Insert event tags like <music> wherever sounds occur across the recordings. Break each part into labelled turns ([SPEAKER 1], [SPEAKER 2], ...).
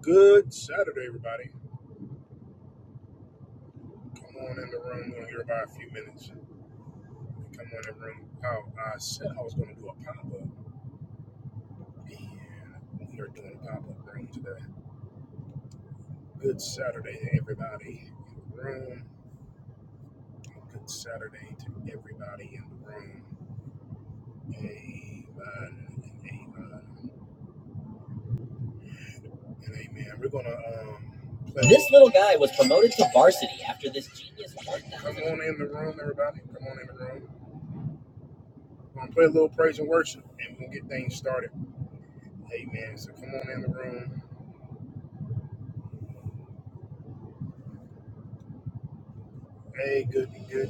[SPEAKER 1] Good Saturday, everybody. Come on in the room. We're here about a few minutes. Come on in the room. How I said I was going to do a pop up, and we are doing a pop up room today. Good Saturday to everybody in the room. Good Saturday to everybody in the room. Amen. and Amen. And amen. We're going to um, play. This little guy was promoted to varsity after this genius. Come on in the room, everybody. Come on in the room. We're gonna play a little praise and worship, and we're gonna get things started. Amen. So come on in the room. Hey, good, good.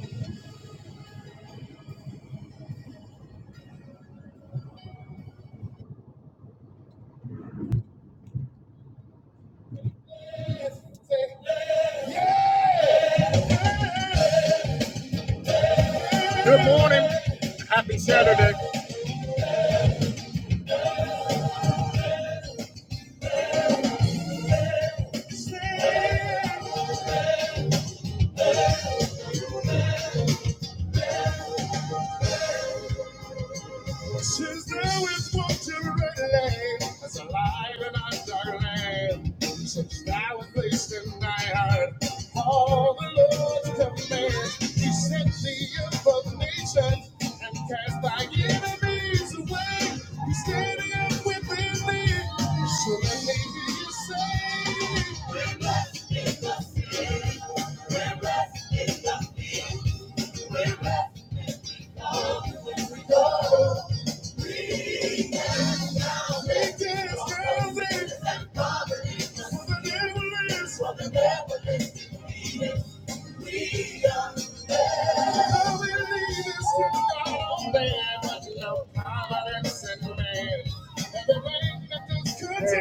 [SPEAKER 1] Good Morning. Happy Saturday. Since there is one to relate, as a light in our dark land, since thou wast placed in my heart, all the Lord's commands, He set thee above nations and cast thy enemies away. He's standing up within thee, so let me hear you Hey,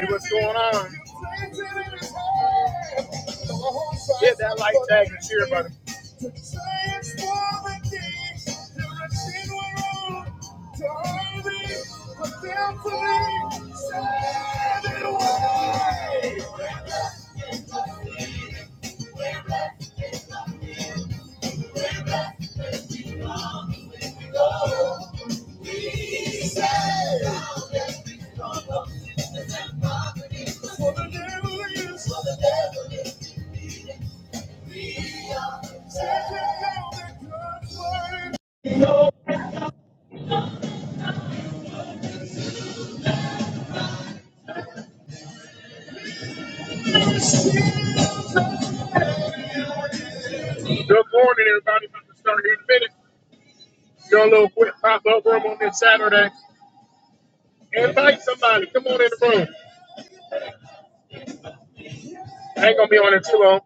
[SPEAKER 1] what's going on? Hit that like tag and share button. Good morning, everybody. About to start here in a minute. Do a little quick pop up room on this Saturday. Invite somebody. Come on in the room. I ain't gonna be on it too long.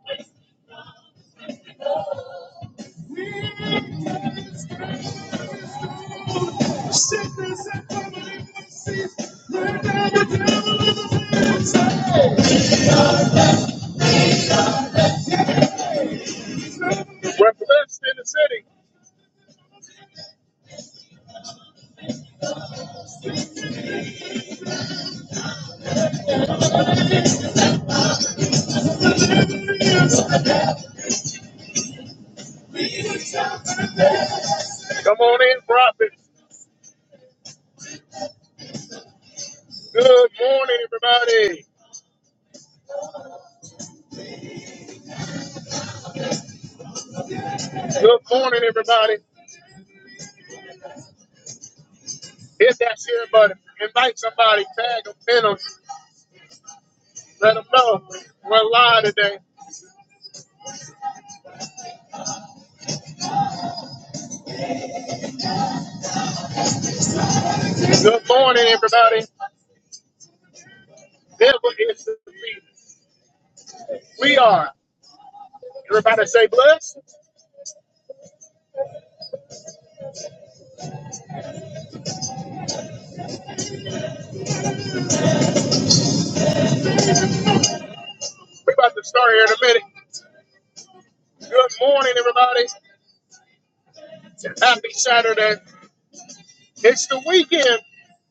[SPEAKER 1] We're blessed in the city. Come on in, profit. Good morning, everybody. Good morning, everybody. Hit that share button. Invite somebody. Tag them, pin them. Let them know we're live today. Good morning, everybody. Devil is the lead. We are. Everybody say blessed. We're about to start here in a minute. Good morning, everybody. Happy Saturday. It's the weekend.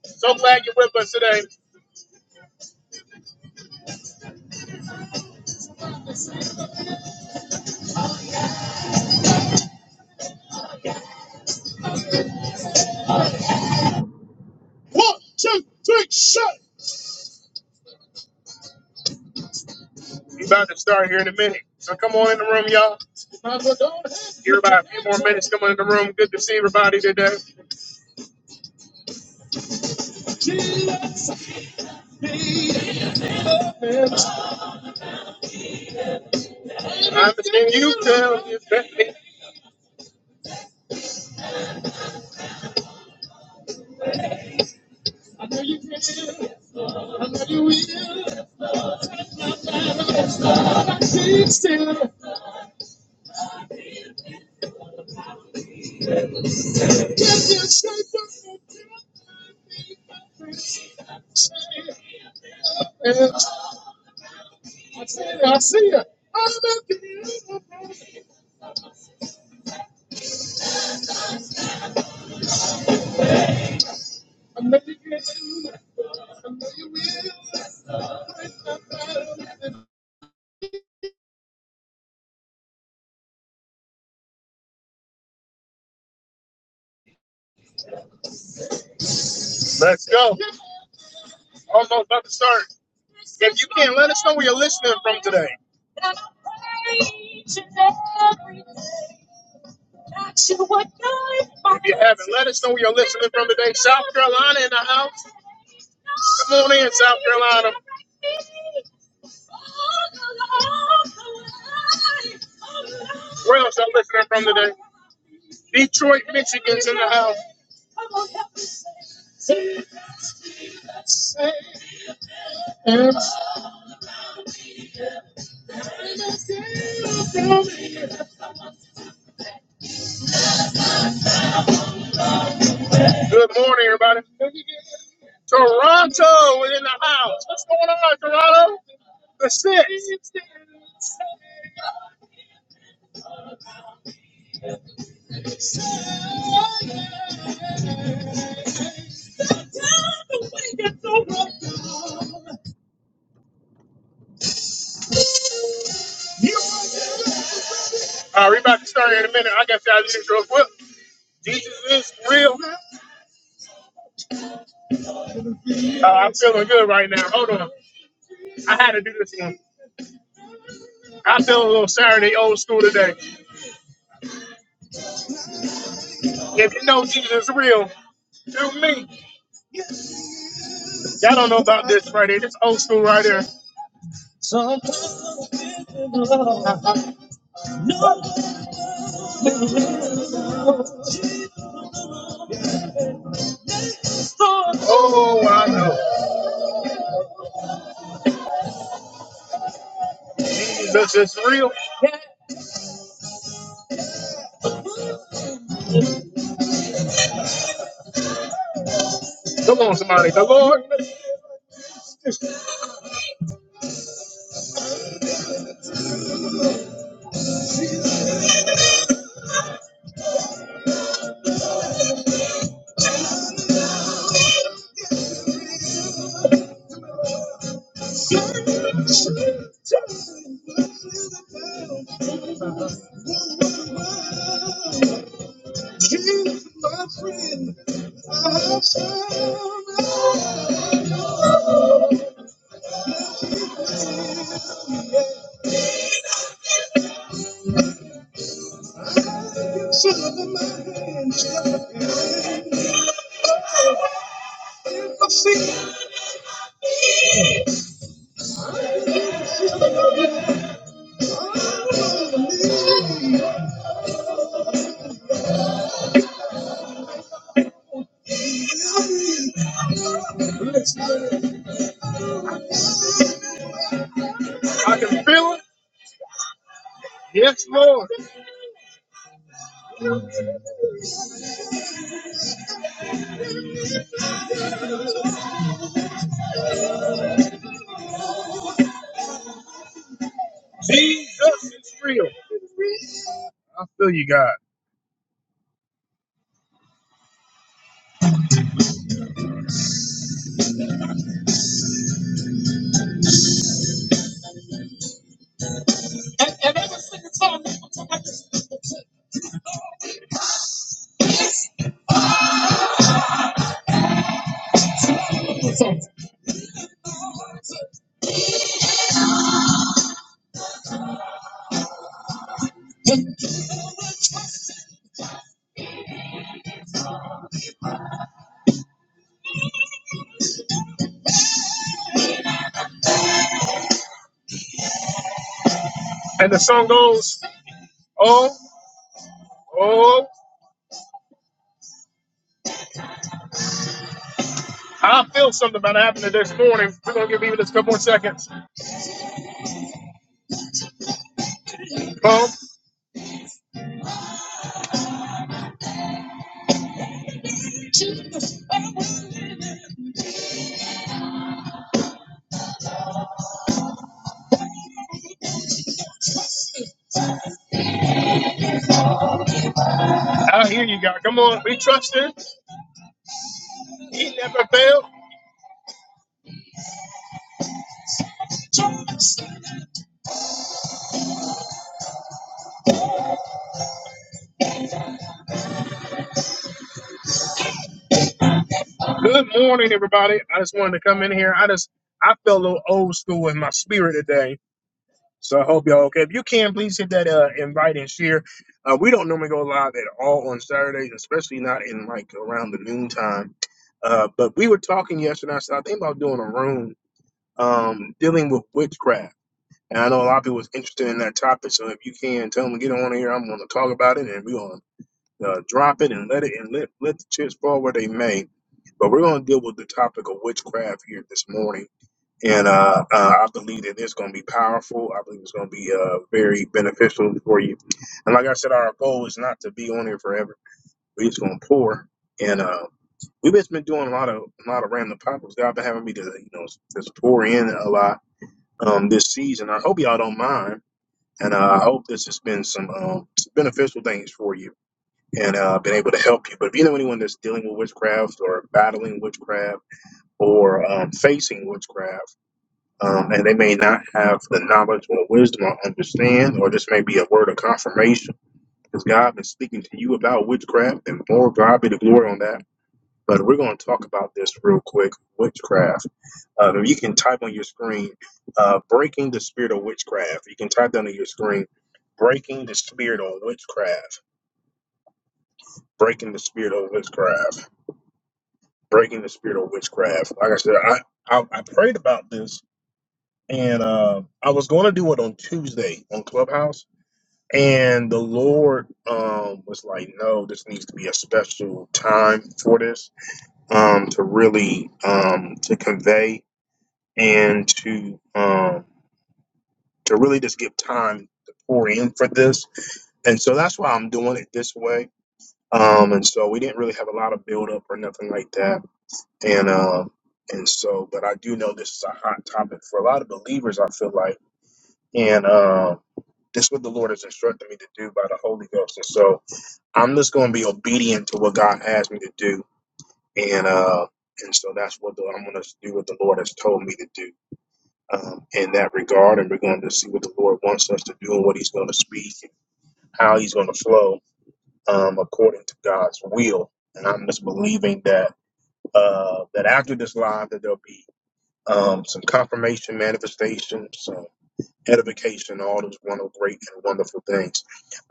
[SPEAKER 1] So glad you're with us today. Check, check, shot. We're about to start here in a minute. So come on in the room, y'all. Here about a few more minutes coming in the room. Good to see everybody today. I understand you tell me baby. Let's go. Oh no, another start. If you can, let us know where you're listening from today. If you haven't, let us know where you're listening from today. South Carolina in the house. Come on in, South Carolina. Where else I'm listening from today? Detroit, Michigan's in the house. Good morning, everybody. Toronto is in the house. What's going on, Toronto? The six. All right, we're about to start here in a minute. I got y'all the intro. Well, Jesus is real. Uh, I'm feeling good right now. Hold on. I had to do this one. I feel a little Saturday old school today. If you know Jesus is real, do me. Y'all don't know about this right here. This old school right here. Oh, Jesus is real. Come on, somebody. The Lord. I can feel it. Yes, Lord. Jesus is real. I feel you, God. And, and every single time they would talk about this Jesus song. And the song goes, oh, oh, I feel something about happening this morning. We're going to give you this couple more seconds. Boom. I hear you, God. Come on. We trust him. He never failed. Good morning, everybody. I just wanted to come in here. I just, I feel a little old school in my spirit today. So I hope y'all okay. If you can, please hit that uh, invite and share. Uh, we don't normally go live at all on Saturdays, especially not in like around the noontime. Uh, but we were talking yesterday. I said I think about doing a room um, dealing with witchcraft, and I know a lot of people was interested in that topic. So if you can, tell them to get on here. I'm going to talk about it, and we're going to uh, drop it and let it and let let the chips fall where they may. But we're going to deal with the topic of witchcraft here this morning and uh, uh, I believe that it's going to be powerful. I believe it's going to be uh, very beneficial for you. And like I said, our goal is not to be on here forever. We're just going to pour, and uh, we've just been doing a lot of a lot of random pop-ups. God been having me to you know just pour in a lot um, this season. I hope y'all don't mind, and uh, I hope this has been some um, beneficial things for you. And uh, been able to help you, but if you know anyone that's dealing with witchcraft or battling witchcraft or um, facing witchcraft, um, and they may not have the knowledge or wisdom or understand, or this may be a word of confirmation because God been speaking to you about witchcraft, and more God be the glory on that. But we're going to talk about this real quick, witchcraft. Uh, you can type on your screen, uh, breaking the spirit of witchcraft. You can type that on your screen, breaking the spirit of witchcraft, breaking the spirit of witchcraft, breaking the spirit of witchcraft. Like I said, I I, I prayed about this and uh, I was going to do it on Tuesday on Clubhouse, and the Lord um, was like, "No, this needs to be a special time for this um, to really um, to convey and to um, to really just give time to pour in for this." And so that's why I'm doing it this way. Um, and so we didn't really have a lot of build up or nothing like that, and uh, and so, but I do know this is a hot topic for a lot of believers. I feel like and. um That's what the Lord has instructed me to do by the Holy Ghost. And so I'm just going to be obedient to what God asked me to do. And uh, and so that's what the, I'm going to do what the Lord has told me to do um, in that regard. And we're going to see what the Lord wants us to do and what He's going to speak and how He's going to flow um, according to God's will. And I'm just believing that uh, that after this live, that there'll be um, some confirmation, manifestations. edification, all those wonderful, great and wonderful things.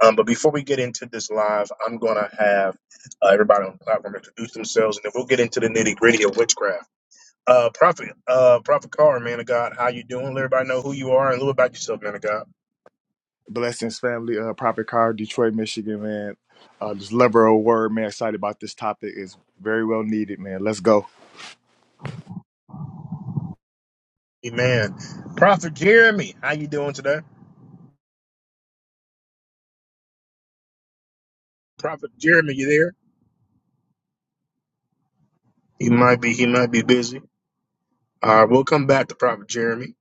[SPEAKER 1] Um, but before we get into this live, I'm going to have uh, everybody on the platform introduce themselves, and then we'll get into the nitty gritty of witchcraft. Uh, Prophet, uh, Prophet Carr, man of God, how you doing? Let everybody know who you are and a little about yourself, man of God.
[SPEAKER 2] Blessings, family. Uh, Prophet Car, Detroit, Michigan, man. Uh, just lover of word, man. Excited about this topic. It's very well needed, man. Let's go.
[SPEAKER 1] Amen. Prophet Jeremy, how you doing today? Prophet Jeremy, you there? He might be. He might be busy. All right, we'll come back to Prophet Jeremy.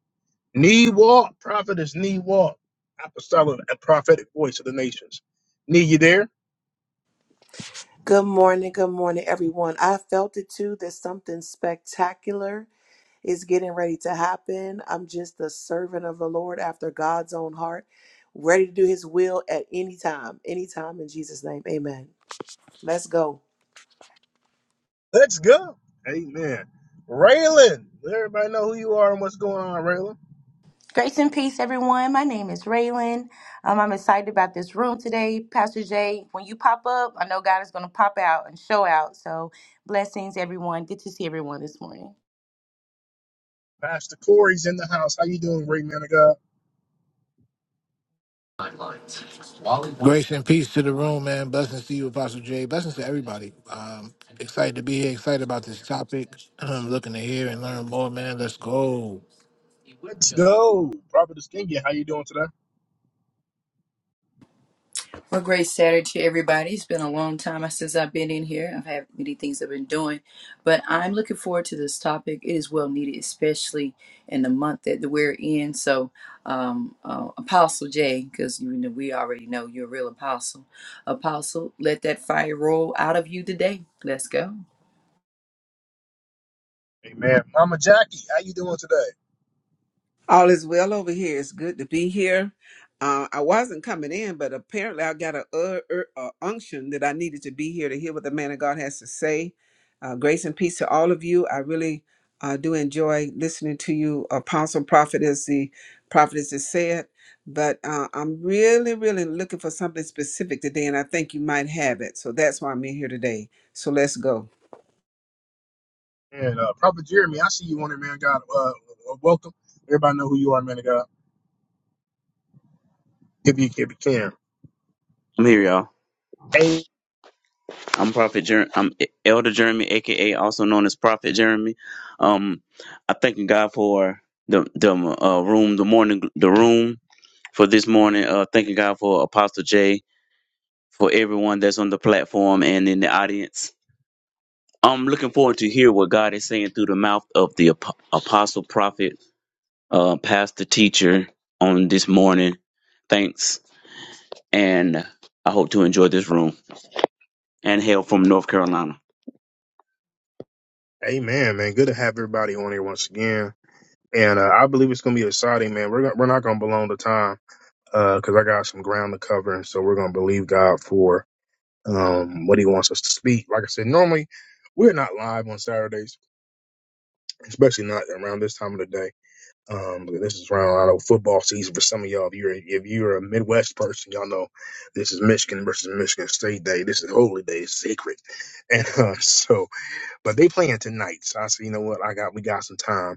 [SPEAKER 1] Knee walk, prophet is knee walk. Apostolic and prophetic voice of the nations. Knee, you there?
[SPEAKER 3] Good morning, good morning, everyone. I felt it too that something spectacular is getting ready to happen. I'm just the servant of the Lord after God's own heart, ready to do his will at any time, anytime in Jesus' name. Amen. Let's go.
[SPEAKER 1] Let's go. Amen. Raylan, let everybody know who you are and what's going on, Raylan.
[SPEAKER 4] Grace and peace, everyone. My name is Raylan. Um, I'm excited about this room today. Pastor Jay, when you pop up, I know God is going to pop out and show out. So, blessings, everyone. Good to see everyone this morning.
[SPEAKER 1] Pastor Corey's in the house. How you doing, great man of God?
[SPEAKER 5] Grace and peace to the room, man. Blessings to you, Apostle Jay. Blessings to everybody. Um, excited to be here. Excited about this topic. <clears throat> I'm looking to hear and learn more, man. Let's go.
[SPEAKER 1] Prophet Skingy, how you doing today?
[SPEAKER 6] Well, great Saturday to everybody. It's been a long time since I've been in here. I've had many things I've been doing, but I'm looking forward to this topic. It is well needed, especially in the month that we're in. So, um, uh, Apostle Jay, because you know we already know you're a real apostle. Apostle, let that fire roll out of you today. Let's go.
[SPEAKER 7] All is well over here. It's good to be here. Uh, I wasn't coming in, but apparently I got a, uh, uh, uh, unction that I needed to be here to hear what the man of God has to say. Uh, grace and peace to all of you. I really uh, do enjoy listening to you, Apostle Prophet, as the prophetess has said. But uh, I'm really, really looking for something specific today, and I think you might have it. So that's why I'm in here today. So let's go.
[SPEAKER 1] And uh, Prophet Jeremy, I see you on there, man of God. Uh, uh, welcome. Everybody know who you are, man of God. If you, if you can.
[SPEAKER 8] I'm here, y'all.
[SPEAKER 1] A-
[SPEAKER 8] I'm Prophet Jer- I'm E-, Elder Jeremy, aka also known as Prophet Jeremy. Um, I thanking God for the the uh, room, the morning, the room for this morning. Uh, thanking God for Apostle J, for everyone that's on the platform and in the audience. I'm looking forward to hear what God is saying through the mouth of the ap- Apostle, Prophet, uh, Pastor, Teacher on this morning. Thanks, and I hope to enjoy this room and hail from North Carolina.
[SPEAKER 1] Amen, man. Good to have everybody on here once again. And uh, I believe it's going to be exciting, man. We're, gonna, we're not going to belong to time because I got some ground to cover. And so we're going to believe God for. um, what he wants us to speak. Like I said, normally we're not live on Saturdays, especially not around this time of the day. Um, but this is around I know football season for some of y'all. If you're if you're a Midwest person, y'all know this is Michigan versus Michigan State Day. This is Holy Day, it's sacred, <laughs> and uh, so but they playing tonight. So I said, you know what? I got we got some time,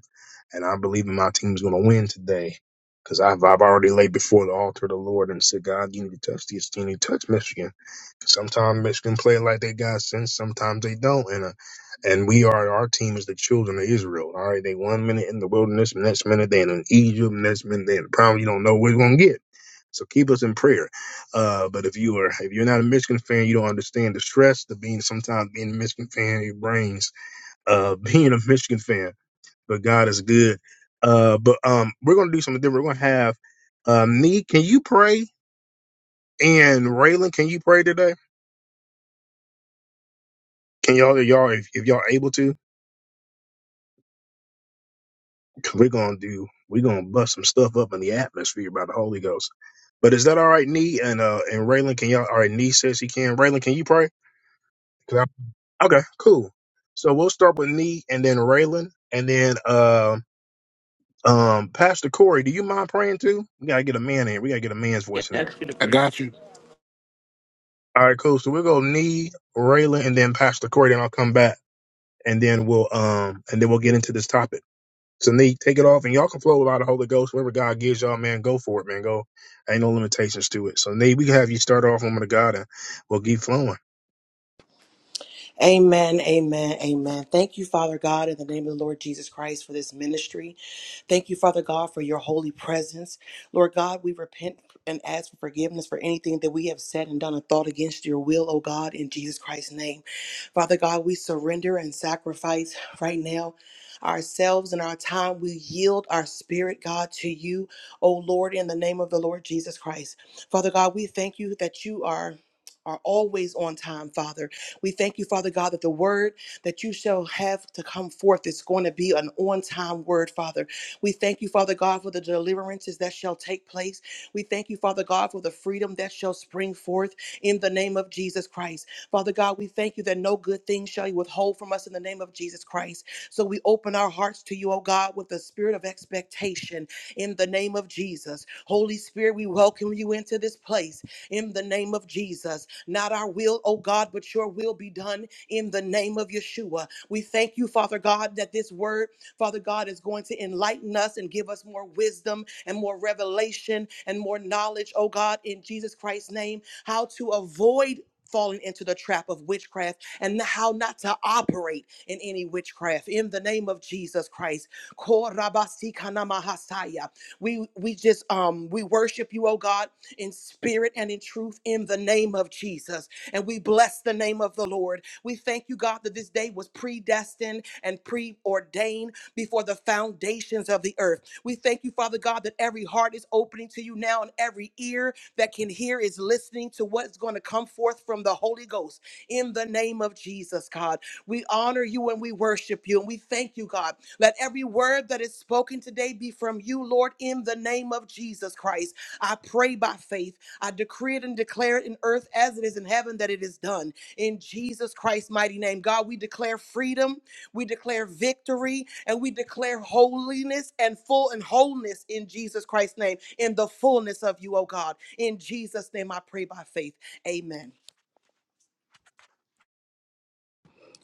[SPEAKER 1] and I believe in my team's going to win today. Because I've, I've already laid before the altar of the Lord and said, God, you need to touch this. You need to touch Michigan. Sometimes Michigan play like they got sense. Sometimes they don't. And uh, and we are our team is the children of Israel. All right, they one minute in the wilderness, next minute they in Egypt, next minute they in the problem. You don't know what you're gonna get. So keep us in prayer. Uh, but if you are if you're not a Michigan fan, you don't understand the stress, the being sometimes being a Michigan fan, it brings uh, <laughs> being a Michigan fan, but God is good. Uh, but um, we're gonna do something different. We're gonna have uh, me. Can you pray? And Raylan, can you pray today? Can y'all, y'all, if, if y'all able to, we we're gonna do, we're gonna bust some stuff up in the atmosphere by the Holy Ghost. But is that all right, Nee? And uh, and Raylan, can y'all? All right, Nee says he can. Raylan, can you pray? 'Cause I- okay, cool. So we'll start with Nee, and then Raylan, and then um um, Pastor Corey, do you mind praying too? We gotta get a man in. We gotta get a man's voice in here.
[SPEAKER 5] I got you.
[SPEAKER 1] All right, cool. So we'll go Nee, Raylan, and then Pastor Corey, and I'll come back and then we'll um and then we'll get into this topic. So Nee, take it off and y'all can flow without the Holy Ghost. Whatever God gives y'all, man, go for it, man. Go. Ain't no limitations to it. So Nee, we can have you start off woman of God and we'll keep flowing.
[SPEAKER 3] Amen, amen, amen. Thank you, Father God, in the name of the Lord Jesus Christ for this ministry. Thank you, Father God, for your holy presence. Lord God, we repent and ask for forgiveness for anything that we have said and done and thought against your will, O God, in Jesus Christ's name. Father God, we surrender and sacrifice right now ourselves and our time. We yield our spirit, God, to you, O Lord, in the name of the Lord Jesus Christ. Father God, we thank you that you are. Are always on time, Father. We thank you, Father God, that the word that you shall have to come forth is going to be an on time word, Father. We thank you, Father God, for the deliverances that shall take place. We thank you, Father God, for the freedom that shall spring forth in the name of Jesus Christ. Father God, we thank you that no good thing shall you withhold from us in the name of Jesus Christ. So we open our hearts to you, O God, with the spirit of expectation in the name of Jesus. Holy Spirit, we welcome you into this place in the name of Jesus. Not our will, oh God, but your will be done in the name of Yeshua. We thank you, Father God, that this word, Father God, is going to enlighten us and give us more wisdom and more revelation and more knowledge, oh God, in Jesus Christ's name, how to avoid. Falling into the trap of witchcraft and how not to operate in any witchcraft in the name of Jesus Christ. Korabasikanamahasaya. We we just um we worship you, oh God in spirit and in truth in the name of Jesus. And we bless the name of the Lord. We thank you, God, that this day was predestined and preordained before the foundations of the earth. We thank you, Father God, that every heart is opening to you now and every ear that can hear is listening to what's going to come forth from the Holy Ghost in the name of Jesus, God. We honor you and we worship you and we thank you, God. Let every word that is spoken today be from you, Lord, in the name of Jesus Christ. I pray by faith. I decree it and declare it in earth as it is in heaven that it is done. In Jesus Christ's mighty name, God, we declare freedom, we declare victory, and we declare holiness and full and wholeness in Jesus Christ's name, in the fullness of you, oh God. In Jesus' name, I pray by faith. Amen.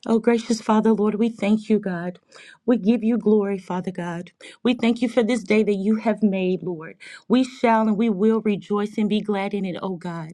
[SPEAKER 4] Oh, gracious Father, Lord, we thank you, God. We give you glory, Father God. We thank you for this day that you have made, Lord. We shall and we will rejoice and be glad in it, oh God.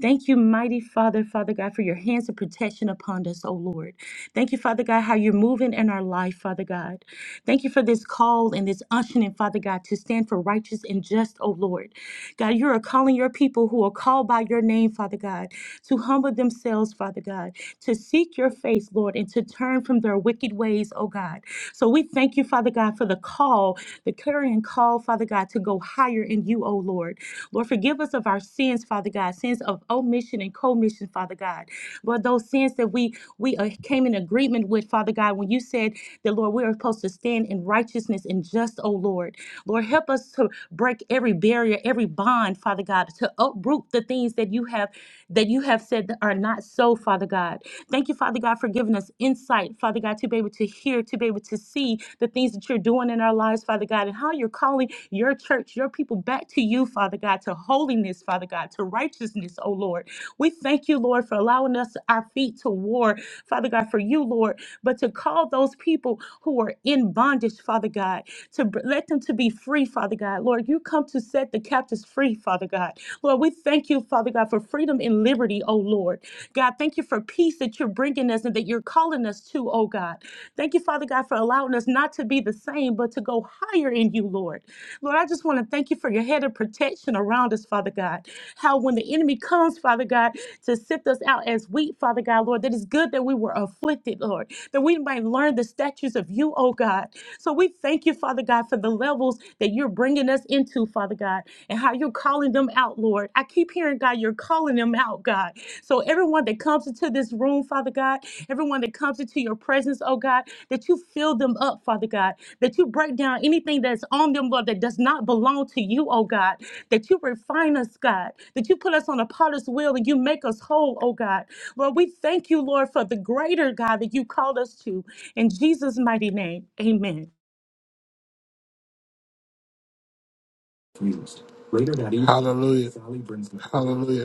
[SPEAKER 4] Thank you, mighty Father, Father God, for your hands of protection upon us, oh Lord. Thank you, Father God, how you're moving in our life, Father God. Thank you for this call and this unctioning, Father God, to stand for righteous and just, oh Lord. God, you are calling your people who are called by your name, Father God, to humble themselves, Father God, to seek your face, Lord, and to turn from their wicked ways, oh God. So we thank you, Father God, for the call, the clarion call, Father God, to go higher in you, oh Lord. Lord, forgive us of our sins, Father God, sins of omission and commission, Father God. Lord, those sins that we we uh, came in agreement with, Father God, when you said said that, Lord, we are supposed to stand in righteousness and just, oh Lord. Lord, help us to break every barrier, every bond, Father God, to uproot the things that you have that you have said that are not so, Father God. Thank you, Father God, for giving us insight, Father God, to be able to hear, to be able to see the things that you're doing in our lives, Father God, and how you're calling your church, your people back to you, Father God, to holiness, Father God, to righteousness, oh Lord. We thank you, Lord, for allowing us our feet to war, Father God, for you, Lord. Lord, but to call those people who are in bondage, Father God, to br- let them to be free, Father God. Lord, you come to set the captives free, Father God. Lord, we thank you, Father God, for freedom and liberty, oh Lord. God, thank you for peace that you're bringing us and that you're calling us to, oh God. Thank you, Father God, for allowing us not to be the same, but to go higher in you, Lord. Lord, I just want to thank you for your head of protection around us, Father God. How when the enemy comes, Father God, to sift us out as wheat, Father God, Lord, that is good good that we were afflicted, Lord, that we might learn the statutes of you, oh God. So we thank you, Father God, for the levels that you're bringing us into, Father God, and how you're calling them out, Lord. I keep hearing, God, you're calling them out, God. So everyone that comes into this room, Father God, everyone that comes into your presence, oh God, that you fill them up, Father God, that you break down anything that's on them, Lord, that does not belong to you, oh God, that you refine us, God, that you put us on a potter's wheel and you make us whole, oh God. Lord, we thank you, Lord, for the greater God that you called us to. In Jesus' mighty name, amen.
[SPEAKER 5] Hallelujah. Hallelujah.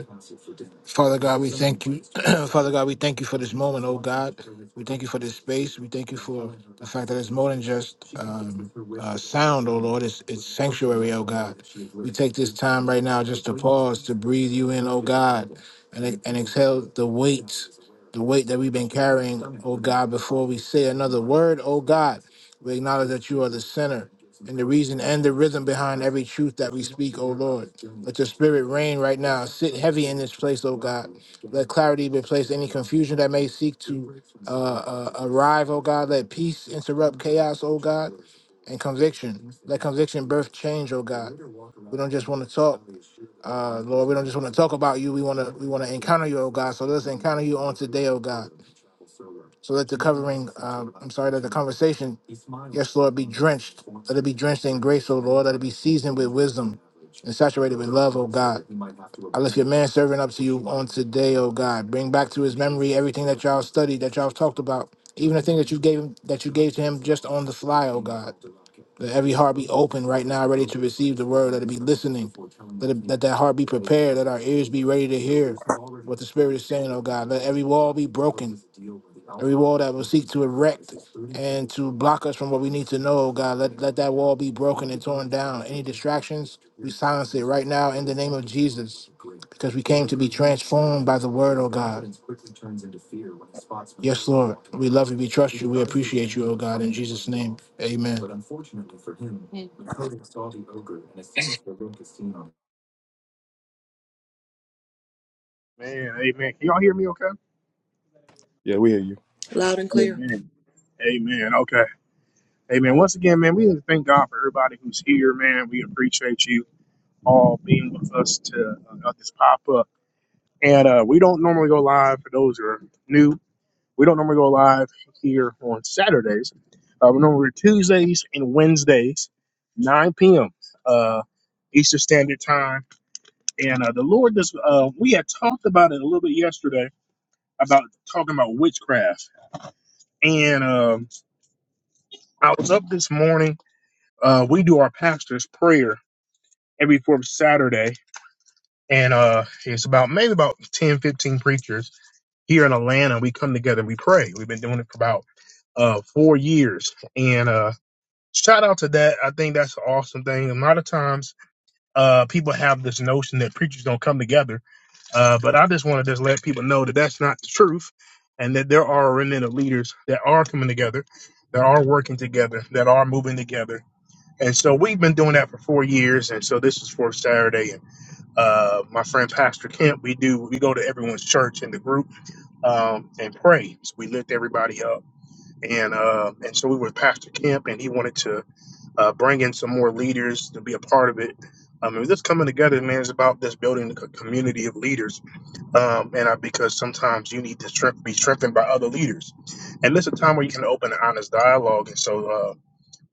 [SPEAKER 5] Father God, we thank you. <clears throat> Father God, we thank you for this moment, oh God. We thank you for this space. We thank you for the fact that it's more than just um, uh, sound, oh Lord. It's, it's sanctuary, oh God. We take this time right now just to pause, to breathe you in, oh God, and, and exhale the weight, the weight that we've been carrying, oh God, before we say another word, oh God. We acknowledge that you are the center and the reason and the rhythm behind every truth that we speak, oh Lord. Let your spirit reign right now. Sit heavy in this place, oh God. Let clarity replace any confusion that may seek to uh, uh, arrive, oh God. Let peace interrupt chaos, oh God and conviction. Let conviction birth change, oh God. We don't just want to talk, uh, Lord. We don't just want to talk about you. We want to we want to encounter you, oh God. So let us encounter you on today, oh God. So let the covering, um, I'm sorry, let the conversation, yes, Lord, be drenched. Let it be drenched in grace, oh Lord. Let it be seasoned with wisdom and saturated with love, oh God. I lift your man servant up to you on today, oh God. Bring back to his memory everything that y'all studied, that y'all talked about even the thing that you gave him, that you gave to him just on the fly, oh God. Let every heart be open right now, ready to receive the word. Let it be listening. Let, it, let that heart be prepared. Let our ears be ready to hear what the Spirit is saying, oh God. Let every wall be broken. Every wall that will seek to erect and to block us us from what we need to know, oh God. Let, let that wall be broken and torn down. Any distractions, we silence it right now in the name of Jesus, because we came to be transformed by the word, oh God. Yes, Lord. We love you. We trust you. We appreciate you, oh God. In Jesus' name, amen.
[SPEAKER 1] Man, amen. Can y'all hear me okay?
[SPEAKER 2] Yeah, we hear you.
[SPEAKER 3] Loud and clear.
[SPEAKER 1] Amen. Amen. Okay. Amen. Once again, man, we just thank God for everybody who's here, man. We appreciate you all being with us to uh, this pop up. And uh, we don't normally go live for those who are new. We don't normally go live here on Saturdays. Uh, we normally Tuesdays and Wednesdays, 9 p.m. Uh, Eastern Standard Time. And uh, the Lord does. Uh, we had talked about it a little bit yesterday about talking about witchcraft. And um, I was up this morning. Uh, we do our pastor's prayer every fourth Saturday, and uh, it's about maybe about 10, 15 preachers here in Atlanta. We come together, we pray. We've been doing it for about uh, four years, and uh, shout out to that. I think that's an awesome thing. A lot of times, uh, people have this notion that preachers don't come together, uh, but I just want to just let people know that that's not the truth, and that there are a remnant of leaders that are coming together, that are working together, that are moving together. And so we've been doing that for four years, and so this is for Saturday. And uh, my friend Pastor Kemp, we do we go to everyone's church in the group um, and pray. So we lift everybody up, and uh, and so we were with Pastor Kemp, and he wanted to uh, bring in some more leaders to be a part of it. I mean, just coming together, man, is about this building a community of leaders. Um, and I, because sometimes you need to strength, be strengthened by other leaders. And this is a time where you can open an honest dialogue. And so uh,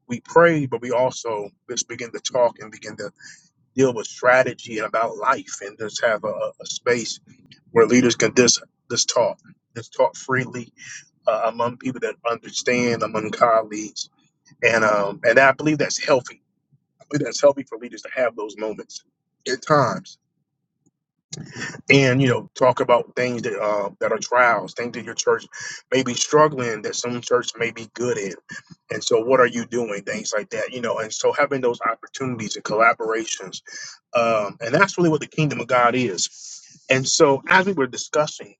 [SPEAKER 1] we pray, but we also just begin to talk and begin to deal with strategy and about life and just have a, a a space where leaders can just, just talk, just talk freely uh, among people that understand, among colleagues. And, um, and I believe that's healthy it is healthy for leaders to have those moments at times, and you know, talk about things that uh, that are trials, things that your church may be struggling, that some church may be good in, and so what are you doing? Things like that, you know, and so having those opportunities and collaborations, um, and that's really what the kingdom of God is. And so, as we were discussing,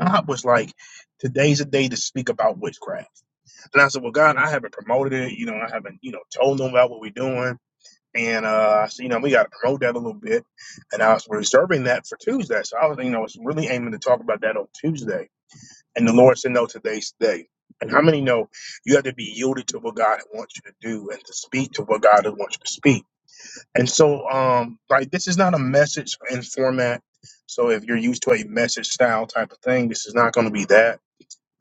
[SPEAKER 1] God was like, "Today's a day to speak about witchcraft." And I said, "Well, God, I haven't promoted it. You know, I haven't, you know, told them about what we're doing." And uh, I said, you know, we got to promote that a little bit. And I was reserving that for Tuesday. So I was, you know, I was really aiming to talk about that on Tuesday. And the Lord said, no, today's the day. And how many know you have to be yielded to what God wants you to do and to speak to what God wants you to speak? And so, um, like, this is not a message in format. So if you're used to a message style type of thing, this is not going to be that.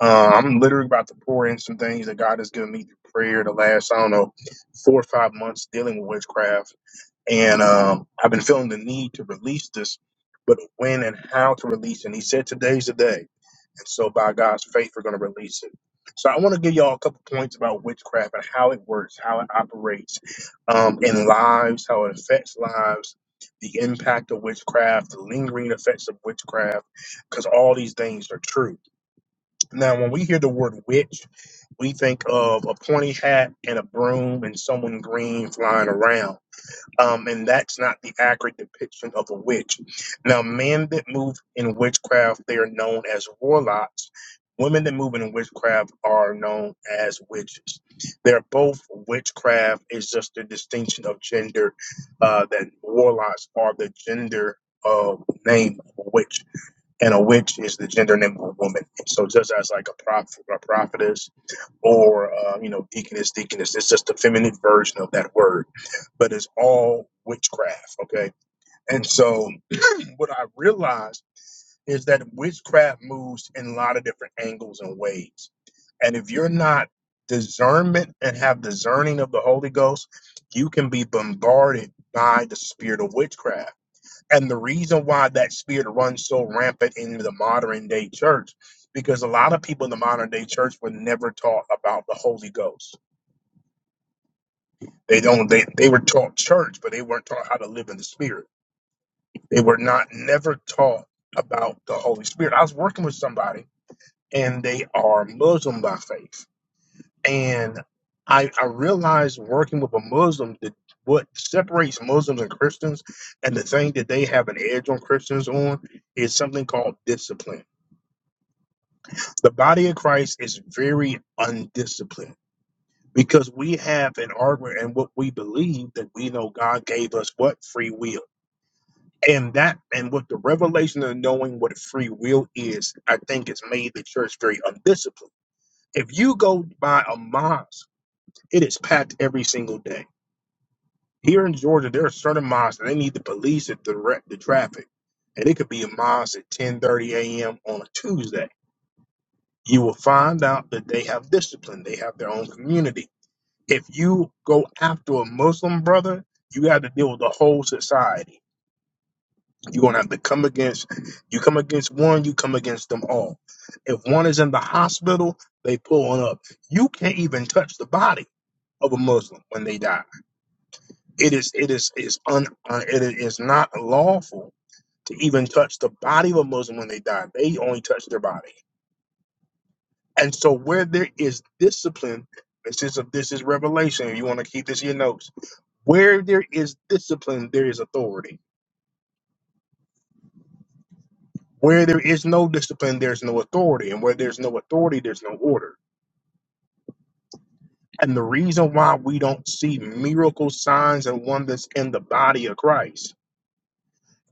[SPEAKER 1] Uh, I'm literally about to pour in some things that God has given me through prayer the last, I don't know, four or five months dealing with witchcraft and um, I've been feeling the need to release this, but when and how to release. it. And he said, "Today's the day." And so, by God's faith, we're going to release it. So, I want to give y'all a couple points about witchcraft and how it works, how it operates um, in lives, how it affects lives, the impact of witchcraft, the lingering effects of witchcraft, because all these things are true. Now, when we hear the word witch, we think of a pointy hat and a broom and someone green flying around um, and that's not the accurate depiction of a witch. Now, men that move in witchcraft, they are known as warlocks. Women that move in witchcraft are known as witches. They're both witchcraft. It's just the distinction of gender uh, that warlocks are the gender of name of a witch, and a witch is the gender name of a woman. So just as like a prophet, a prophetess, or uh, you know deaconess deaconess it's just a feminine version of that word but it's all witchcraft okay and so <clears throat> what i realized is that witchcraft moves in a lot of different angles and ways and if you're not discernment and have discerning of the holy ghost you can be bombarded by the spirit of witchcraft and the reason why that spirit runs so rampant in the modern day church because a lot of people in the modern day church were never taught about the holy ghost They don't they, they were taught church, but they weren't taught how to live in the spirit. They were not never taught about the Holy Spirit. I was working with somebody and they are Muslim by faith. And I I realized working with a Muslim that what separates Muslims and Christians and the thing that they have an edge on Christians on is something called discipline. The body of Christ is very undisciplined because we have an argument and what we believe that we know God gave us what free will and that and with the revelation of knowing what free will is i think it's made the church very undisciplined if you go by a mosque it is packed every single day here in georgia there are certain mosques that they need the police to direct the traffic and it could be a mosque at 10:30 a.m on a tuesday you will find out that they have discipline they have their own community if you go after a muslim brother you have to deal with the whole society You're gonna have to come against you come against one, you come against them all. If one is in the hospital, they pull on up. You can't even touch the body of a Muslim when they die. It is it is is un uh, it is not lawful to even touch the body of a Muslim when they die. They only touch their body. And so where there is discipline, this is a, this is revelation. If you want to keep this in your notes, where there is discipline, there is authority Where there is no discipline, there's no authority. And where there's no authority, there's no order. And the reason why we don't see miracle signs and wonders in the body of Christ,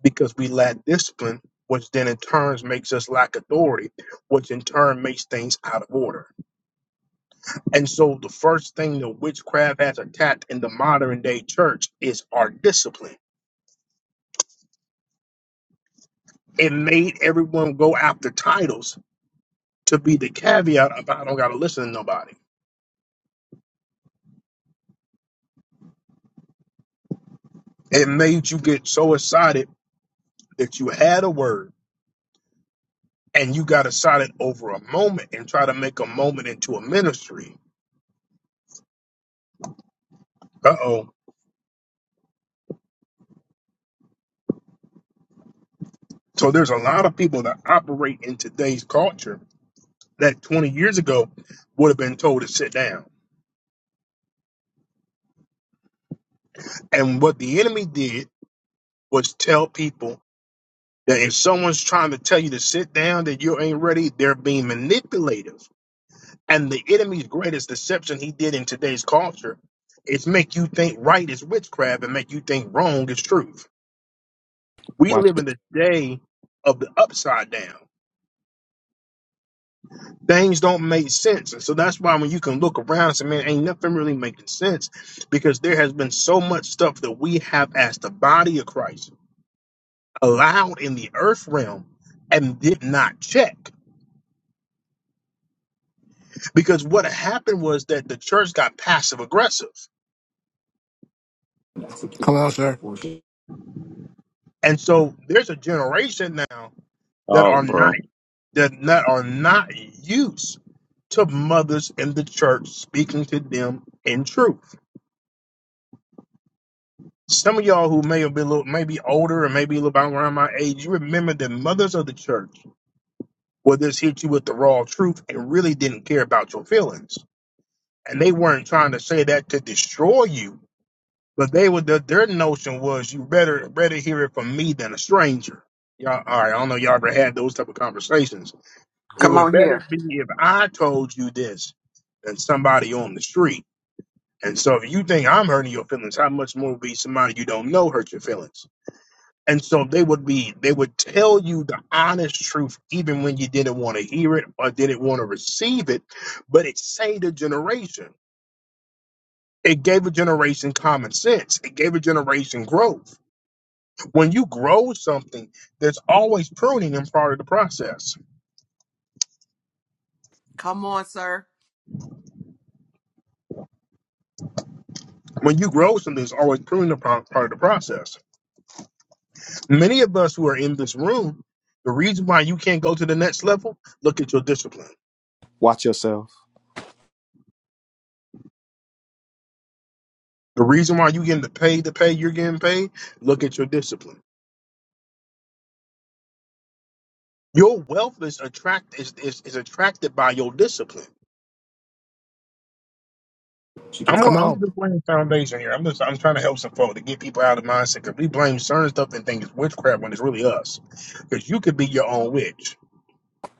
[SPEAKER 1] because we lack discipline, which then in turn makes us lack authority, which in turn makes things out of order. And so the first thing that witchcraft has attacked in the modern day church is our discipline. It made everyone go after titles to be the caveat about I don't gotta listen to nobody. It made you get so excited that you had a word and you got to silent over a moment and try to make a moment into a ministry. Uh oh. So there's a lot of people that operate in today's culture that 20 years ago would have been told to sit down. And what the enemy did was tell people that if someone's trying to tell you to sit down, that you ain't ready, they're being manipulative. And the enemy's greatest deception he did in today's culture is make you think right is witchcraft and make you think wrong is truth. We
[SPEAKER 2] Watch
[SPEAKER 1] live in
[SPEAKER 2] it.
[SPEAKER 1] the day of the upside down. Things don't make sense. And so that's why when you can look around and say, man, ain't nothing really making sense because there has been so much stuff that we have as the body of Christ allowed in the earth realm and did not check. Because what happened was that the church got passive aggressive.
[SPEAKER 5] Come on, sir.
[SPEAKER 8] Oh, bro.
[SPEAKER 1] What the, their notion was you better better hear it from me than a stranger. Y'all, all right, I don't know y'all ever had those type of conversations It
[SPEAKER 7] Come
[SPEAKER 1] would
[SPEAKER 7] on here.
[SPEAKER 1] better be if I told you this than somebody on the street. And so if you think I'm hurting your feelings, how much more would be somebody you don't know hurt your feelings? And so they would be they would tell you the honest truth even when you didn't want to hear it or didn't want to receive it, but it saved a generation. It gave a generation common sense. It gave a generation growth. When you grow something, there's always pruning in part of the process.
[SPEAKER 3] Come on, sir.
[SPEAKER 1] When you grow something, there's always pruning in part part of the process. Many of us who are in this room, the reason why you can't go to the next level, look at your discipline.
[SPEAKER 2] Watch yourself.
[SPEAKER 1] The reason why you getting the pay, the pay you're getting paid, look at your discipline. Your wealth is attract is, is, is attracted by your discipline. I'm i
[SPEAKER 5] Come
[SPEAKER 1] I'm
[SPEAKER 5] on.
[SPEAKER 1] just laying foundation here. I'm just I'm trying to help some folk to get people out of the mindset because we blame certain stuff and think it's witchcraft when it's really us. Because you could be your own witch.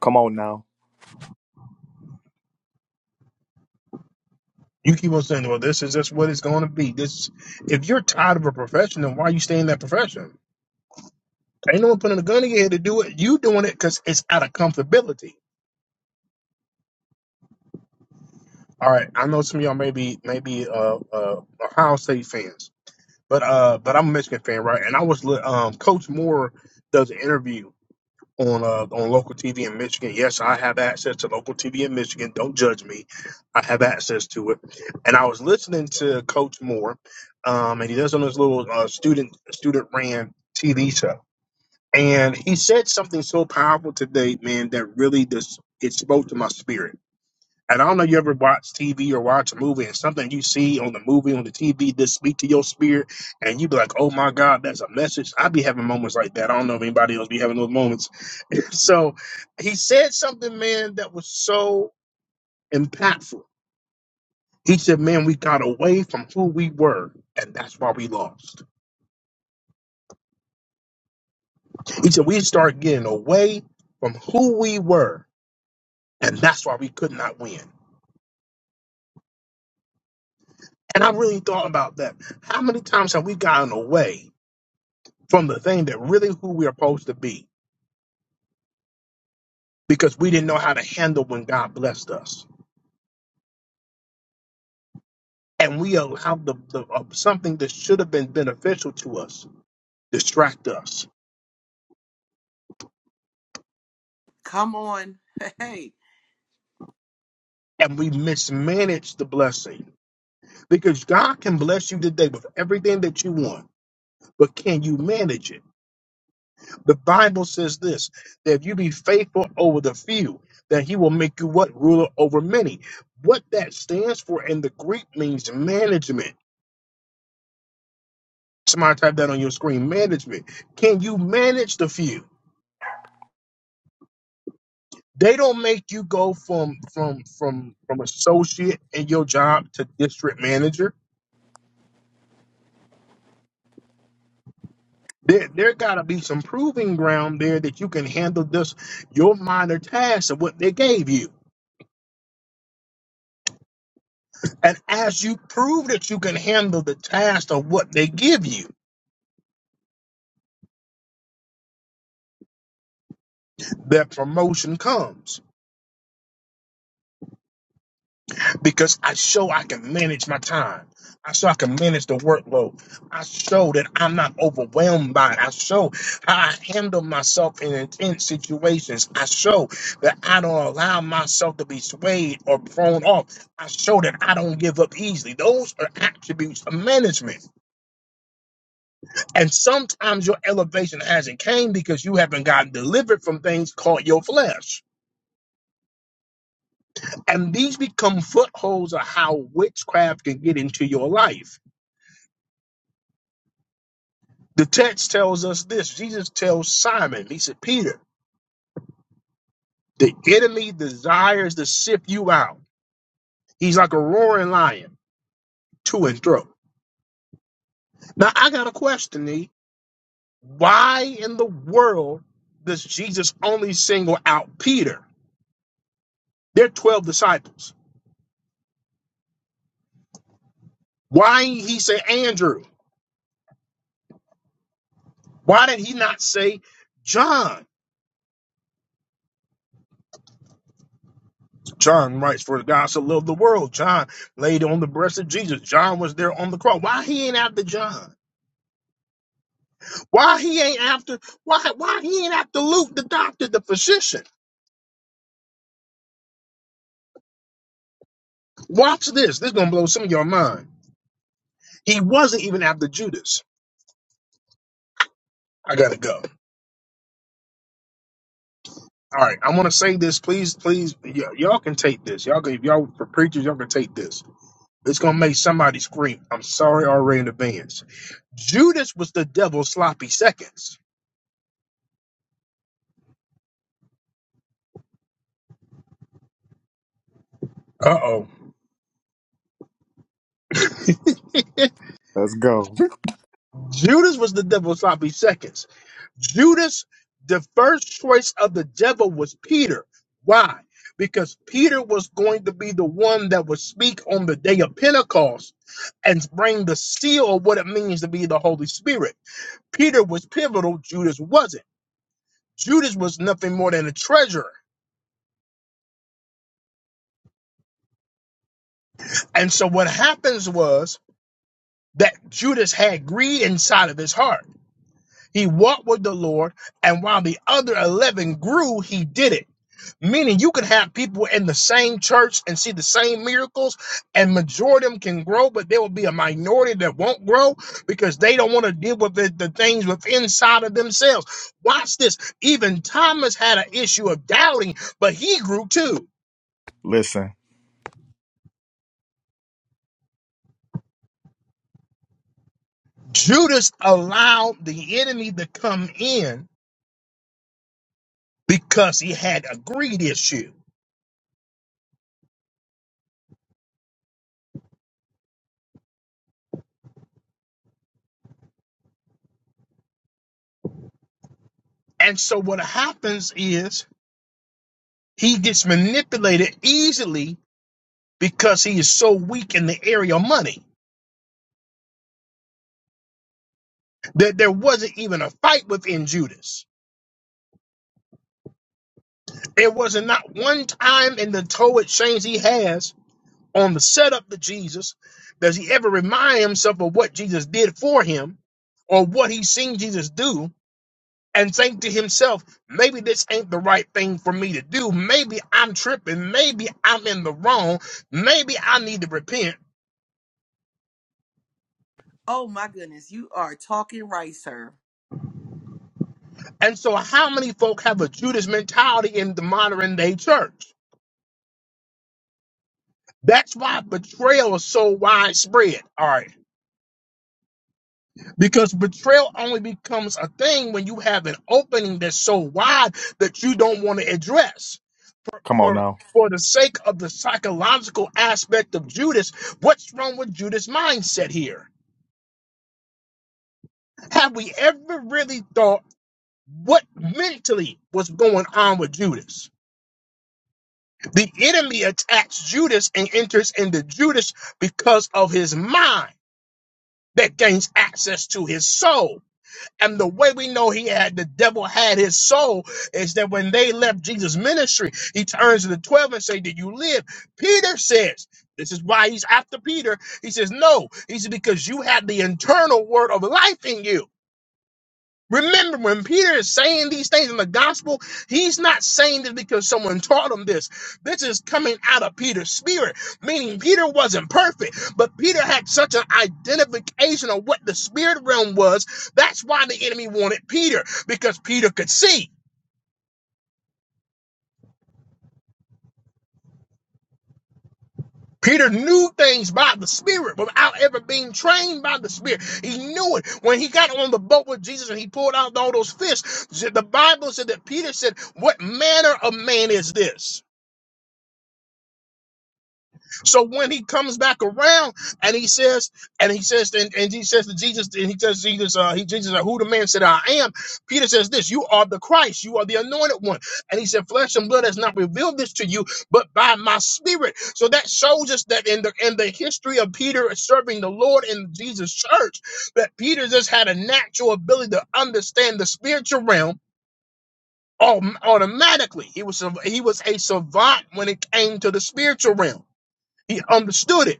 [SPEAKER 2] Come on now.
[SPEAKER 1] You keep on saying, "Well, this is just what it's going to be." This, if you're tired of a profession, then why you stay in that profession? Ain't no one putting a gun in your head to do it. You doing it because it's out of comfortability. All right, I know some of y'all may be maybe uh, uh, Ohio State fans, but uh, but I'm a Michigan fan, right? And I was um, Coach Moore does an interview on uh, on local TV in Michigan. Yes, I have access to local TV in Michigan. Don't judge me. I have access to it. And I was listening to Coach Moore, um, and he does on his little uh, student student ran TV show And he said something so powerful today, man, that really just it spoke to my spirit. And I don't know you ever watch TV or watch a movie and something you see on the movie on the TV just speak to your spirit and you be like, Oh my God, that's a message. I be having moments like that. I don't know if anybody else be having those moments. <laughs> So he said something, man, that was so impactful. He said, Man, we got away from who we were, and that's why we lost. He said, We start getting away from who we were, and that's why we could not win. And I really thought
[SPEAKER 3] Come on. <laughs> Hey.
[SPEAKER 1] manage the blessing because God can bless you today with everything that you want, but can you manage it? The Bible says this that if you be faithful over the few, that he will make you what ruler over many. What that stands for in the Greek means management. Somebody type that on your screen, management. Can you manage the few? They don't make you go from from from from associate in your job to district manager There, there got to be some proving ground there that you can handle this, your minor task of what they gave you. And as you prove that you can handle the task of what they give you, that promotion comes. because I show I can manage my time. I show I can manage the workload. I show that I'm not overwhelmed by it. I show how I handle myself in intense situations. I show that I don't allow myself to be swayed or thrown off. I show that I don't give up easily. Those are attributes of management. And sometimes your elevation hasn't came because you haven't gotten delivered from things called your flesh. And these become footholds of how witchcraft can get into your life The text tells us this. Jesus tells Simon, he said, Peter, the enemy desires to sift you out. He's like a roaring lion to and fro. Now, I got a question, E. Why in the world does Jesus only single out Peter? There are 12 disciples. Why didn't he say Andrew? Why did he not say John? John writes, For God so loved the world. John laid on the breast of Jesus. John was there on the cross. Why he ain't after John? Why he ain't after? Why why he ain't after Luke, the doctor, the physician? Watch this. This is gonna blow some of your mind. He wasn't even after Judas. I gotta go. All right, I want to say this, please, please. Y- y'all can take this. Y'all, can- if y'all for preachers, y'all can take this. It's gonna make somebody scream. I'm sorry already in advance. Judas was the devil's sloppy seconds. Uh oh.
[SPEAKER 2] Let's go.
[SPEAKER 1] Judas was the devil's sloppy seconds. Judas, the first choice of the devil was Peter. Why? Because Peter was going to be the one that would speak on the day of Pentecost and bring the seal of what it means to be the Holy Spirit. Peter was pivotal, Judas wasn't. Judas was nothing more than a treasurer. And so what happens was that Judas had greed inside of his heart. He walked with the Lord, and while the other 11 grew, he did it. Meaning you could have people in the same church and see the same miracles, and majority of them can grow, but there will be a minority that won't grow because they don't want to deal with the, the things within inside of themselves. Watch this. Even Thomas had an issue of doubting, but he grew too.
[SPEAKER 2] <laughs> Listen.
[SPEAKER 1] Judas allowed the enemy to come in because he had a greed issue. And so what happens is he gets manipulated easily because he is so weak in the area of money. that there wasn't even a fight within Judas. It wasn't not one time in the Torah exchange he has on the setup to Jesus does he ever remind himself of what Jesus did for him or what he's seen Jesus do and think to himself, maybe this ain't the right thing for me to do. Maybe I'm tripping. Maybe I'm in the wrong. Maybe I need to repent.
[SPEAKER 3] Oh my goodness. You are talking right, sir.
[SPEAKER 1] And so how many folk have a Judas mentality in the modern day church? That's why betrayal is so widespread. All right Because betrayal only becomes a thing when you have an opening that's so wide that you don't want to address.
[SPEAKER 2] Come on
[SPEAKER 1] For
[SPEAKER 2] now.
[SPEAKER 1] for the sake of the psychological aspect of Judas, what's wrong with Judas' mindset here? Have we ever really thought what mentally was going on with Judas? The enemy attacks Judas and enters into Judas because of his mind that gains access to his soul. And the way we know he had the devil had his soul is that when they left Jesus' ministry, he turns to the 12 and say, Did you live? Peter says, this is why he's after Peter. He says, No. He says, Because you had the internal word of life in you. Remember, when Peter is saying these things in the gospel, he's not saying this because someone taught him this. This is coming out of Peter's spirit, meaning Peter wasn't perfect, but Peter had such an identification of what the spirit realm was. That's why the enemy wanted Peter, because Peter could see. Peter knew things by the Spirit without ever being trained by the Spirit. He knew it. When he got on the boat with Jesus and he pulled out all those fish, the Bible said that Peter said, What manner of man is this? So when he comes back around and he says, and he says, and, and he says to Jesus, and he says, Jesus, uh, he Jesus, uh, who the man said I am. Peter says this, you are the Christ, you are the anointed one. And he said, flesh and blood has not revealed this to you, but by my spirit. So that shows us that in the in the history of Peter serving the Lord in Jesus' church, that Peter just had a natural ability to understand the spiritual realm. autom- Automatically, he was a- he was a savant when it came to the spiritual realm. He understood it.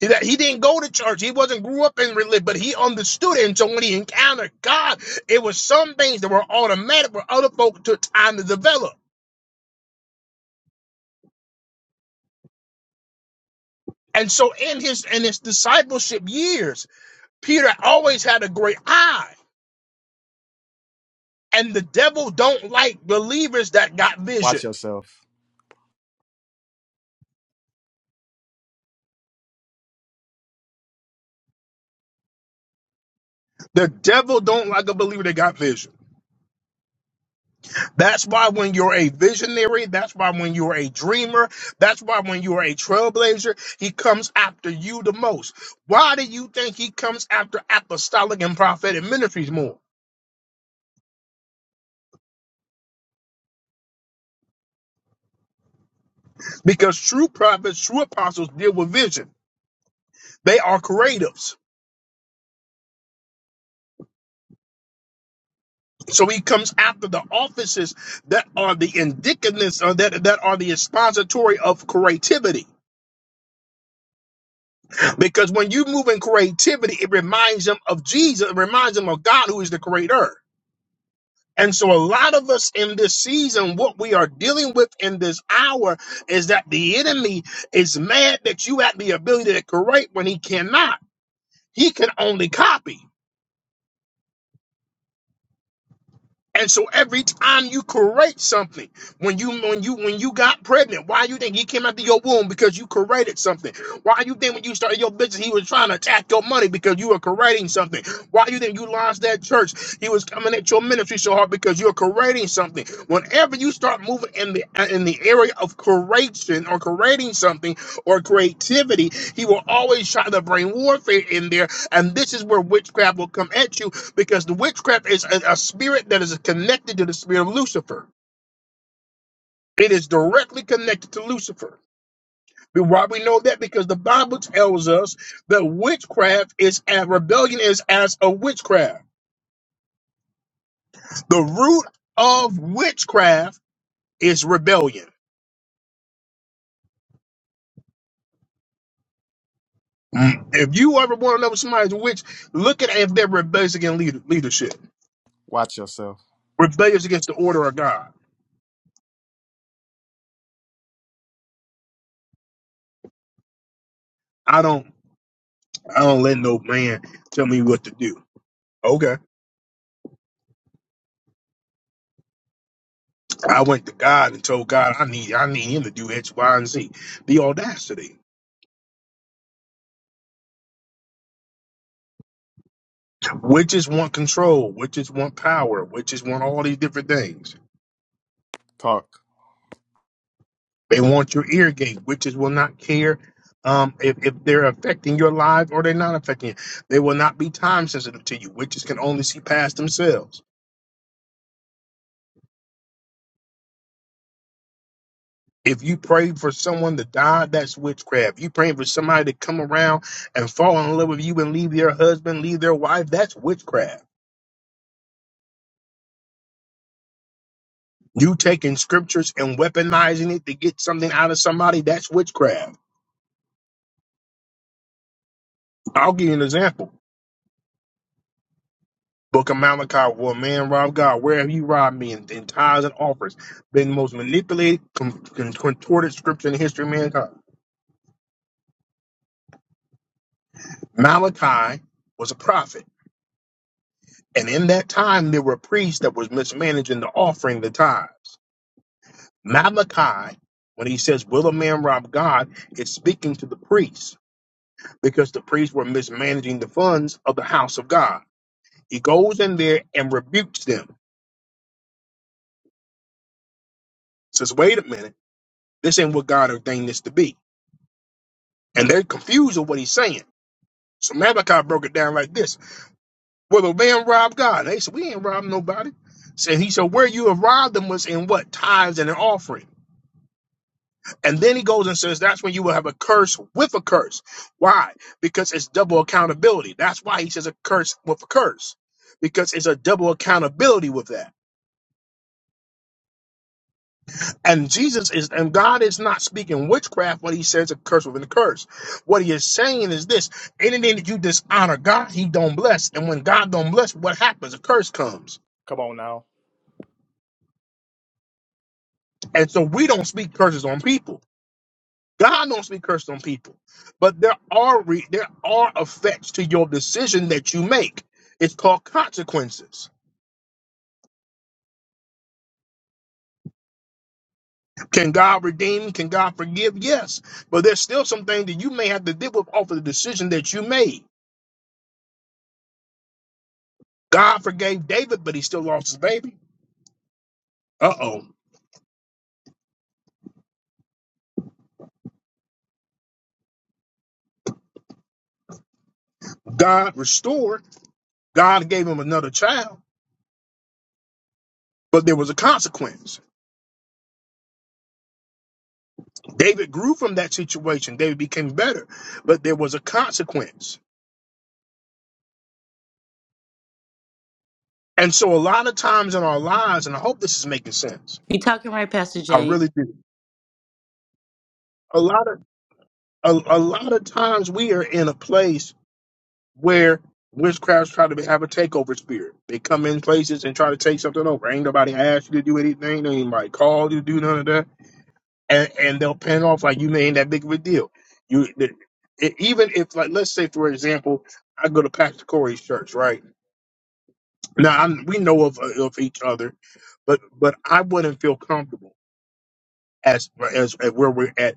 [SPEAKER 1] He that- he didn't go to church. He wasn't grew up in religion, but he understood it. And so when he encountered God, it was some things that were automatic where other folk took time to develop. And so in his in his discipleship years, Peter always had a great eye. And the devil don't like believers that got
[SPEAKER 2] Watch
[SPEAKER 1] vision.
[SPEAKER 2] yourself.
[SPEAKER 1] The devil don't like a believer that got vision. That's why when you're a visionary, that's why when you're a dreamer, that's why when you're a trailblazer, he comes after you the most. Why do you think he comes after apostolic and prophetic ministries more? Because true prophets, true apostles deal with vision. They are creatives. So he comes after the offices that are the indicativeness or that, that are the expository of creativity. Because when you move in creativity, it reminds them of Jesus, it reminds them of God who is the creator. And so, a lot of us in this season, what we are dealing with in this hour is that the enemy is mad that you have the ability to correct when he cannot. He can only copy. And so every time you correct something, when you when you when you got pregnant, why you think he came out of your womb because you corrected something? Why you think when you started your business he was trying to attack your money because you were correcting something? Why you think you launched that church? He was coming at your ministry so hard because you're correcting something. Whenever you start moving in the in the area of correction or correcting something or creativity, he will always try to bring warfare in there, and this is where witchcraft will come at you because the witchcraft is a, a spirit that is connected to the spirit of Lucifer. It is directly connected to Lucifer. But Why we know that? Because the Bible tells us that witchcraft is as rebellion is as a witchcraft. The root of witchcraft is rebellion. Mm. If you ever want to know somebody's witch, look at if they're rebellious against leader, leadership,
[SPEAKER 2] Watch yourself.
[SPEAKER 1] rebellious against the order of God. I don't, I don't let no man tell me what to do. Okay. I went to God and told God I need I need him to do X, Y, and Z. The audacity. Witches want control, witches want power, witches want all these different things.
[SPEAKER 2] Talk.
[SPEAKER 1] They want your ear gate. Witches will not care um, if, if they're affecting your life or they're not affecting you. They will not be time sensitive to you. Witches can only see past themselves. If you pray for someone to die, that's witchcraft. You praying for somebody to come around and fall in love with you and leave their husband, leave their wife, that's witchcraft You taking scriptures and weaponizing it to get something out of somebody, that's witchcraft. I'll give you an example. Book of Malachi, well, man robbed God. Where have you robbed me in, in tithes and offers? Been the most manipulated, con- con- contorted scripture in the history of mankind. Malachi was a prophet. And in that time, there were priests that was mismanaging the offering, the tithes. Malachi, when he says, will a man rob God, is speaking to the priests because the priests were mismanaging the funds of the house of God. He goes in there and rebukes them. Says, wait a minute, this ain't what God ordained this to be. And they're confused with what he's saying. So Malachi broke it down like this. Well, the man robbed God. They said, we ain't robbed nobody. So he said, where you have robbed them was in what? Tithes and an offering. And then he goes and says, that's when you will have a curse with a curse. Why? Because it's double accountability. That's why he says a curse with a curse. Because it's a double accountability with that. And Jesus is, and God is not speaking witchcraft when he says a curse within a curse. What he is saying is this, anything that you dishonor God, he don't bless. And when God don't bless, what happens? A curse comes.
[SPEAKER 2] Come on now.
[SPEAKER 1] And so we don't speak curses on people. God don't speak curses on people. But there are, re, there are effects to your decision that you make. It's called consequences. Can God redeem? Can God forgive? Yes. But there's still some things that you may have to deal with off of the decision that you made. God forgave David, but he still lost his baby. Uh oh. God restored. God gave him another child, but there was a consequence. David grew from that situation. David became better, but there was a consequence. And so, a lot of times in our lives, and I hope this is making sense.
[SPEAKER 4] You talking right, Pastor
[SPEAKER 1] I
[SPEAKER 4] Jay?
[SPEAKER 1] really do. A lot of a, a lot of times we are in a place where witchcrafts try to have a takeover spirit. They come in places and try to take something over. Ain't nobody asked you to do anything. They ain't like called you to do none of that and and they'll pan off like you ain't that big of a deal. You the, e- even if like let's say for example, I go to Pastor Corey's church, right? Now I'm, we know of of each other, but but I wouldn't feel comfortable as as, as where we're at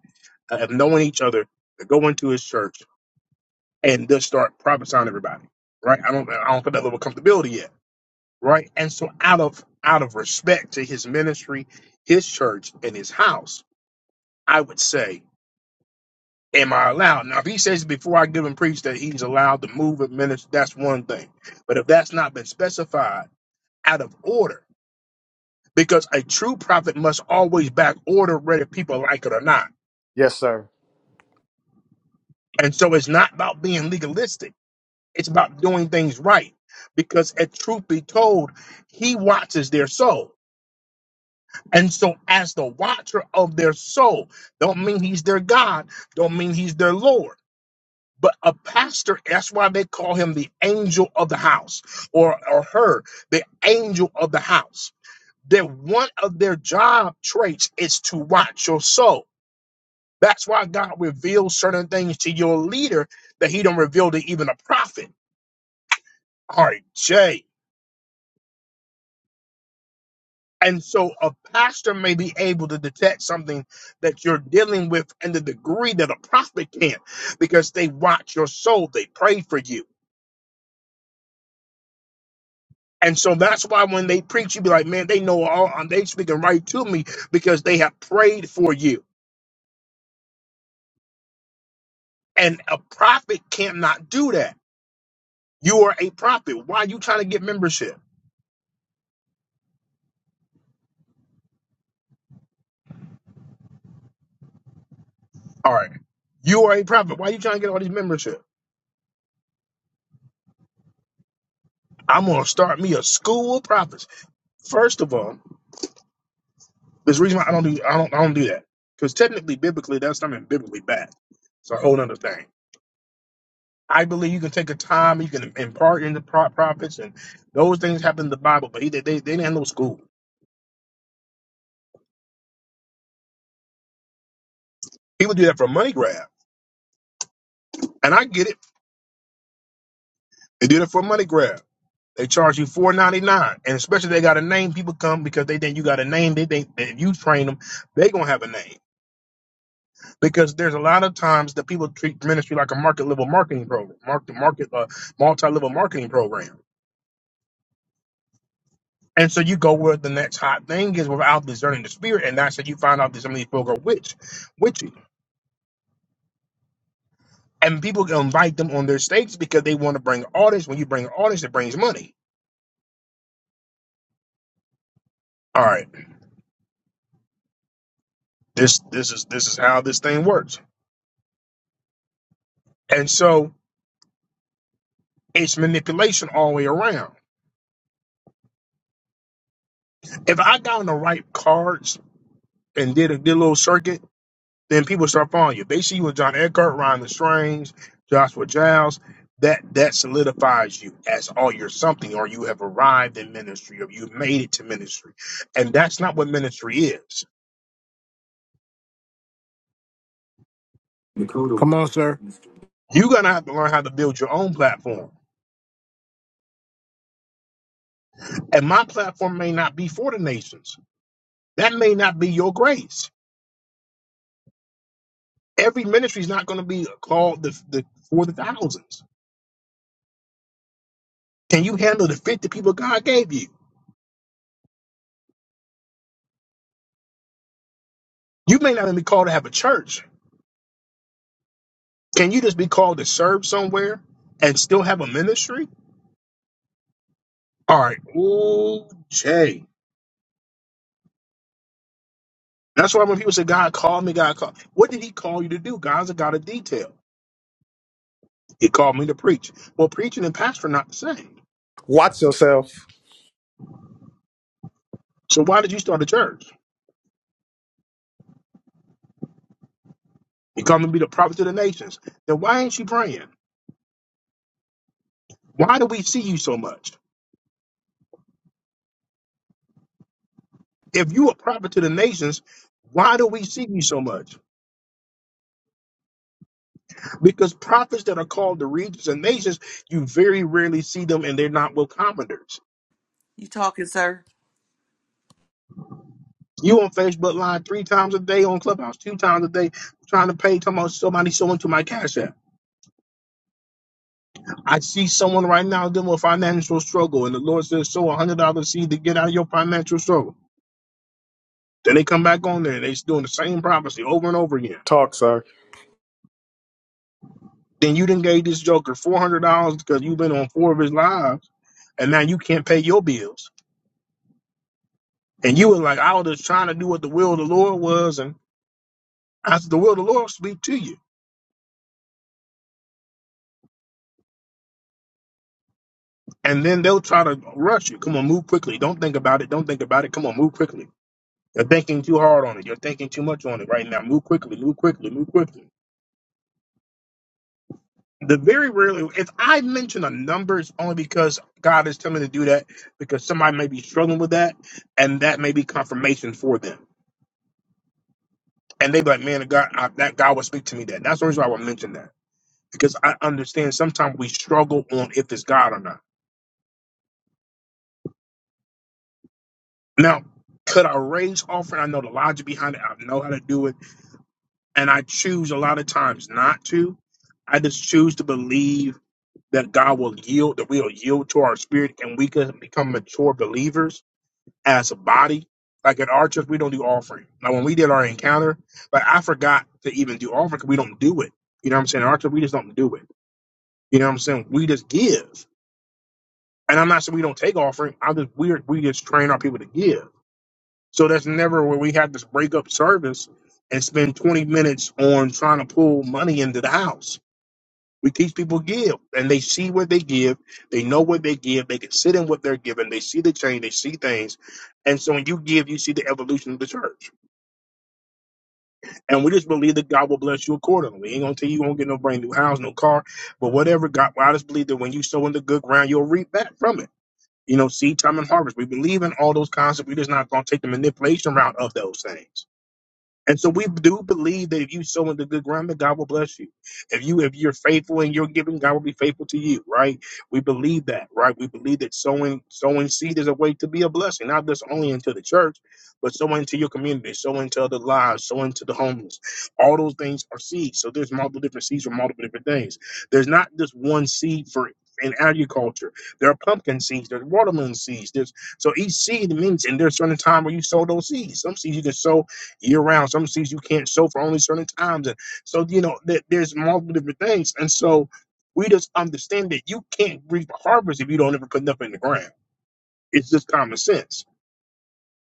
[SPEAKER 1] uh, of knowing each other to go into his church and just start prophesying to everybody, right? I don't I don't feel that level of comfortability yet, right? And so out of out of respect to his ministry, his church, and his house, I would say. am I allowed? Now, if he says before I give him preach that he's allowed to move and minister, that's one thing. But if that's not been specified out of order, because a true prophet must always back order whether people like it or not.
[SPEAKER 2] Yes, sir.
[SPEAKER 1] And so it's not about being legalistic. It's about doing things right. Because if truth be told, he watches their soul. And so as the watcher of their soul, don't mean he's their God, don't mean he's their Lord. But a pastor, that's why they call him the angel of the house or, or her, the angel of the house. That one of their job traits is to watch your soul. That's why God reveals certain things to your leader that he don't reveal to even a prophet. All right, Jay. And so a pastor may be able to detect something that you're dealing with in the degree that a prophet can't because they watch your soul. They pray for you And so that's why when they preach, you be like, man, they know all, um, they speaking right to me because they have prayed for you. And a prophet cannot do that. You are a prophet. Why are you trying to get membership? All right. You are a prophet. Why are you trying to get all these membership? I'm gonna start me a school of prophets. First of all, there's a reason why I don't do I don't I don't do that. Because technically, biblically, that's something biblically bad. It's a whole other thing. I believe you can take a time, you can impart in the pro- prophets, and those things happen in the Bible, but he, they, they didn't have no school. People do that for a money grab, and I get it. They do that for a money grab. They charge you four ninety nine, and especially they got a name. People come because they think you got a name. They think that if you train them, they gonna have a name. Because there's a lot of times that people treat ministry like a market level marketing program, market market uh, multi level marketing program. And so you go where the next hot thing is without discerning the spirit, and that's how you find out that some of these folk are witch, witchy. And people invite them on their stage because they want to bring audience. When you bring audience, it brings money. All right. This this is this is how this thing works. And so it's manipulation all the way around. If I got on the right cards and did a, did a little circuit, then people start following you. If They see you with John Eckhart, Ryan Lestrange, Joshua Giles. That that solidifies you as oh you're something or you have arrived in ministry or you've made it to ministry. And that's not what ministry is.
[SPEAKER 5] Come on, sir.
[SPEAKER 1] You're gonna have to learn how to build your own platform. And my platform may not be for the nations. That may not be your grace Every ministry is not going to be called the, the for the thousands. Can you handle the 50 people God gave you? You may not even be called to have a church. Can you just be called to serve somewhere and still have a ministry? All right. Ooh, Jay. That's why when people say, God called me, God called. What did he call you to do? God's a God of detail. He called me to preach. Well, preaching and pastor are not the same.
[SPEAKER 2] Watch yourself.
[SPEAKER 1] So why did you start a church? He called me to be the prophet to the nations. Then why ain't you praying? Why do we see you so much? If you are prophet to the nations, why do we see you so much? Because prophets that are called to regions and nations, you very rarely see them and they're not with commoners.
[SPEAKER 3] You talking, sir?
[SPEAKER 1] You on Facebook Live three times a day, on Clubhouse two times a day, trying to pay talking about somebody sowing to my cash app. I see someone right now dealing with financial struggle, and the Lord says, sow a hundred dollar seed to get out of your financial struggle. Then they come back on there and they're doing the same prophecy over and over again.
[SPEAKER 2] Talk, sir.
[SPEAKER 1] Then you done gave this joker four hundred dollars because you've been on four of his live and now you can't pay your bills. And you were like, I was just trying to do what the will of the Lord was, and I said, the will of the Lord will speak to you. And then they'll try to rush you. Come on, move quickly. Don't think about it. Don't think about it. Come on, move quickly. You're thinking too hard on it. You're thinking too much on it right now. Move quickly. Move quickly. Move quickly. The very rarely, if I mention a number, it's only because God is telling me to do that because somebody may be struggling with that, and that may be confirmation for them. And they be like, "Man, God, I, that God will speak to me." That that's the reason why I would mention that. because I understand sometimes we struggle on if it's God or not. Now, could I raise offering? I know the logic behind it. I know how to do it, and I choose a lot of times not to. I just choose to believe that God will yield, that we'll yield to our spirit, and we can become mature believers as a body. Like at our church, we don't do offering. Now, when we did our encounter, like I forgot to even do offering because we don't do it. You know what I'm saying? At our church, we just don't do it. You know what I'm saying? We just give. And I'm not saying we don't take offering. I'm just we we just train our people to give. So that's never where we have this break up service and spend 20 minutes on trying to pull money into the house. We teach people give, and they see what they give. They know what they give. They can sit in what they're giving. They see the change. They see things, and so when you give, you see the evolution of the church. And we just believe that God will bless you accordingly. We ain't gonna tell you you won't get no brand new house, no car, but whatever. God, well, I just believe that when you sow in the good ground, you'll reap back from it. You know, seed time and harvest. We believe in all those concepts. We're just not going to take the manipulation route of those things. And so we do believe that if you sow into good ground, that God will bless you. If you if you're faithful in your giving, God will be faithful to you, right? We believe that, right? We believe that sowing sowing seed is a way to be a blessing, not just only into the church, but sowing into your community, sowing into other lives, sowing to the homeless. All those things are seeds. So there's multiple different seeds for multiple different things. There's not just one seed for in agriculture, there are pumpkin seeds, there's watermelon seeds, there's so each seed means, and there's certain time where you sow those seeds. Some seeds you can sow year round. Some seeds you can't sow for only certain times. And so, you know, that there's multiple different things. And so we just understand that you can't reap a harvest if you don't ever put nothing in the ground. It's just common sense.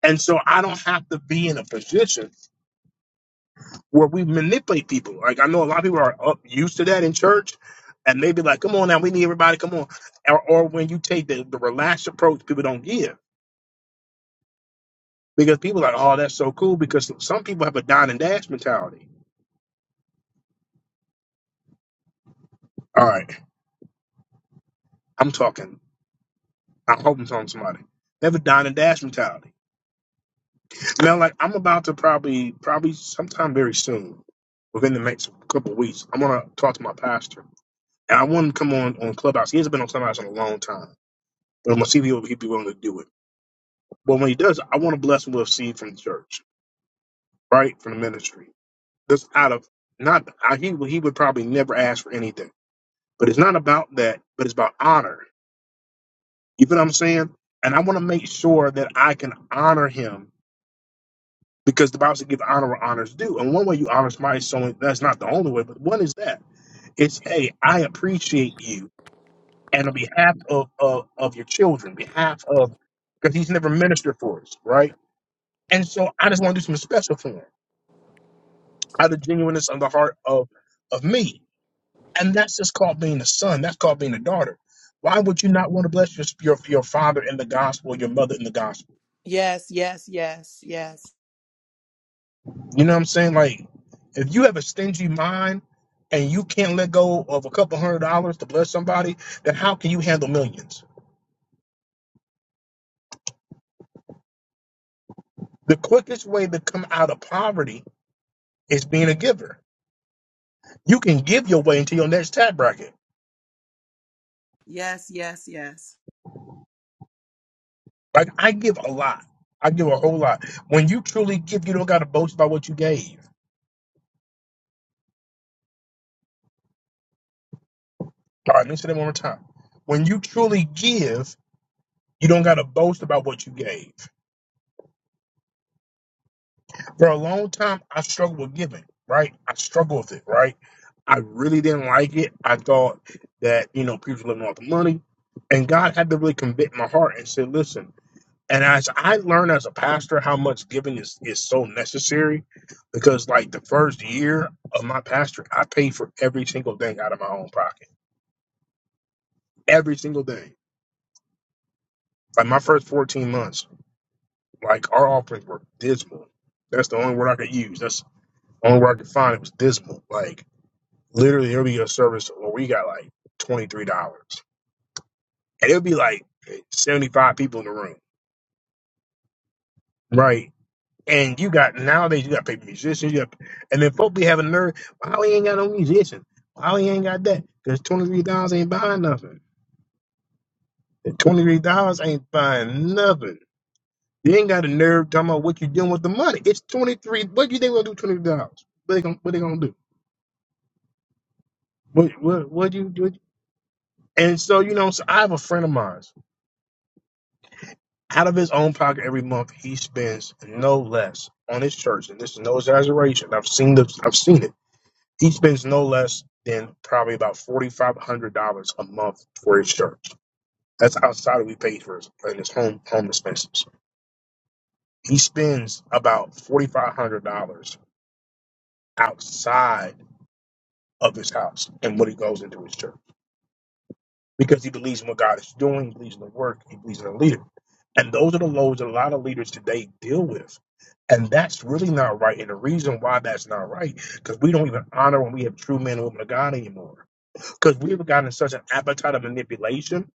[SPEAKER 1] And so I don't have to be in a position where we manipulate people. Like I know a lot of people are up used to that in church. And maybe like, come on now, we need everybody, come on. Or, or when you take the, the relaxed approach, people don't give. Because people are like, oh, that's so cool. Because some people have a dine and dash mentality. All right, I'm talking I hope I'm telling somebody. They have a dine and dash mentality. Now, like I'm about to probably, probably sometime very soon, within the next couple of weeks, I'm gonna talk to my pastor, and I want him to come on on Clubhouse. He hasn't been on Clubhouse in a long time, but I'm gonna see if he'll he'd be willing to do it. But when he does, I want to bless him with seed from the church, right, from the ministry. That's out of not I, he would- he would probably never ask for anything, but it's not about that, but it's about honor. You know what I'm saying? And I want to make sure that I can honor him because the Bible says give honor where honor's due. And one way you honor somebody is someone that's not the only way, but one is that it's hey, I appreciate you, and on behalf of of, of your children, behalf of because he's never ministered for us, right? And so I just want to do something special for him out of the genuineness of the heart of of me, and that's just called being a son. That's called being a daughter. Why would you not want to bless your your, your father in the gospel, your mother in the gospel?
[SPEAKER 3] Yes, yes, yes, yes.
[SPEAKER 1] You know what I'm saying? Like, if you have a stingy mind and you can't let go of a couple hundred dollars to bless somebody, then how can you handle millions? The quickest way to come out of poverty is being a giver. You can give your way into your next tab bracket.
[SPEAKER 3] Yes, yes, yes.
[SPEAKER 1] Like, I give a lot. I give a whole lot. When you truly give, you don't got to boast about what you gave. All right, let me say that one more time. When you truly give, you don't got to boast about what you gave. For a long time, I struggled with giving, right? I struggled with it, right? I really didn't like it. I thought that, you know, people were living off the money. And God had to really convict my heart and say, listen. And as I learned as a pastor how much giving is, is so necessary, because like the first year of my pastor, I paid for every single thing out of my own pocket. Every single thing. Like my first 14 months, like our offerings were dismal. That's the only word I could use. That's the only word I could find. It was dismal. Like literally, there'll be a service where we got like $23. and it'll be like 75 people in the room, right? And you got nowadays you got paid musicians, you got, and then folk be having nerve. Why we ain't got no musician? Why we ain't got that? Because twenty three dollars ain't buying nothing. Twenty three dollars ain't buying nothing. You ain't got a nerve talking about what you doing with the money. It's twenty three. What you think gonna do Twenty three dollars? What they gonna what they gonna do? What what what you do? And so you know, so I have a friend of mine. Out of his own pocket every month, he spends no less on his church, and this is no exaggeration. I've seen the, I've seen it. He spends no less than probably about forty five hundred dollars a month for his church. That's outside of we pay for his, and his home home expenses. He spends about forty five hundred dollars outside of his house and what he goes into his church. because he believes in what God is doing, he believes in the work, he believes in the leader. And those are the loads that a lot of leaders today deal with. And that's really not right. And the reason why that's not right, because we don't even honor when we have true men and women of God anymore. Because we've gotten such an appetite of manipulation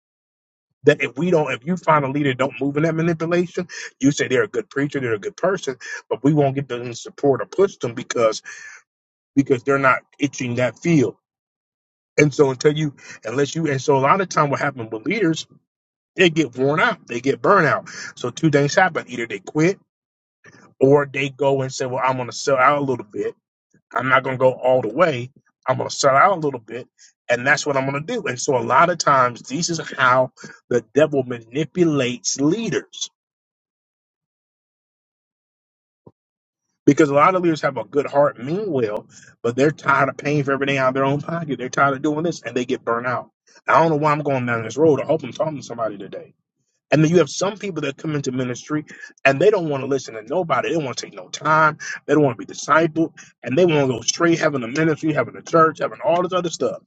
[SPEAKER 1] that if we don't, if you find a leader that don't move in that manipulation, you say they're a good preacher, they're a good person, but we won't get them support or push them because because they're not itching that field. And so until you, unless you, and so a lot of time what happens with leaders They get worn out. They get burnout. So two things happen. Either they quit or they go and say, well, I'm going to sell out a little bit. I'm not going to go all the way. I'm going to sell out a little bit. And that's what I'm going to do. And so a lot of times, this is how the devil manipulates leaders because a lot of leaders have a good heart, mean well, but they're tired of paying for everything out of their own pocket. They're tired of doing this and they get burnt out. I don't know why I'm going down this road. I hope I'm talking to somebody today And then you have some people that come into ministry and they don't want to listen to nobody. They don't want to take no time. They don't want to be discipled. And they want to go straight having a ministry, having a church, having all this other stuff.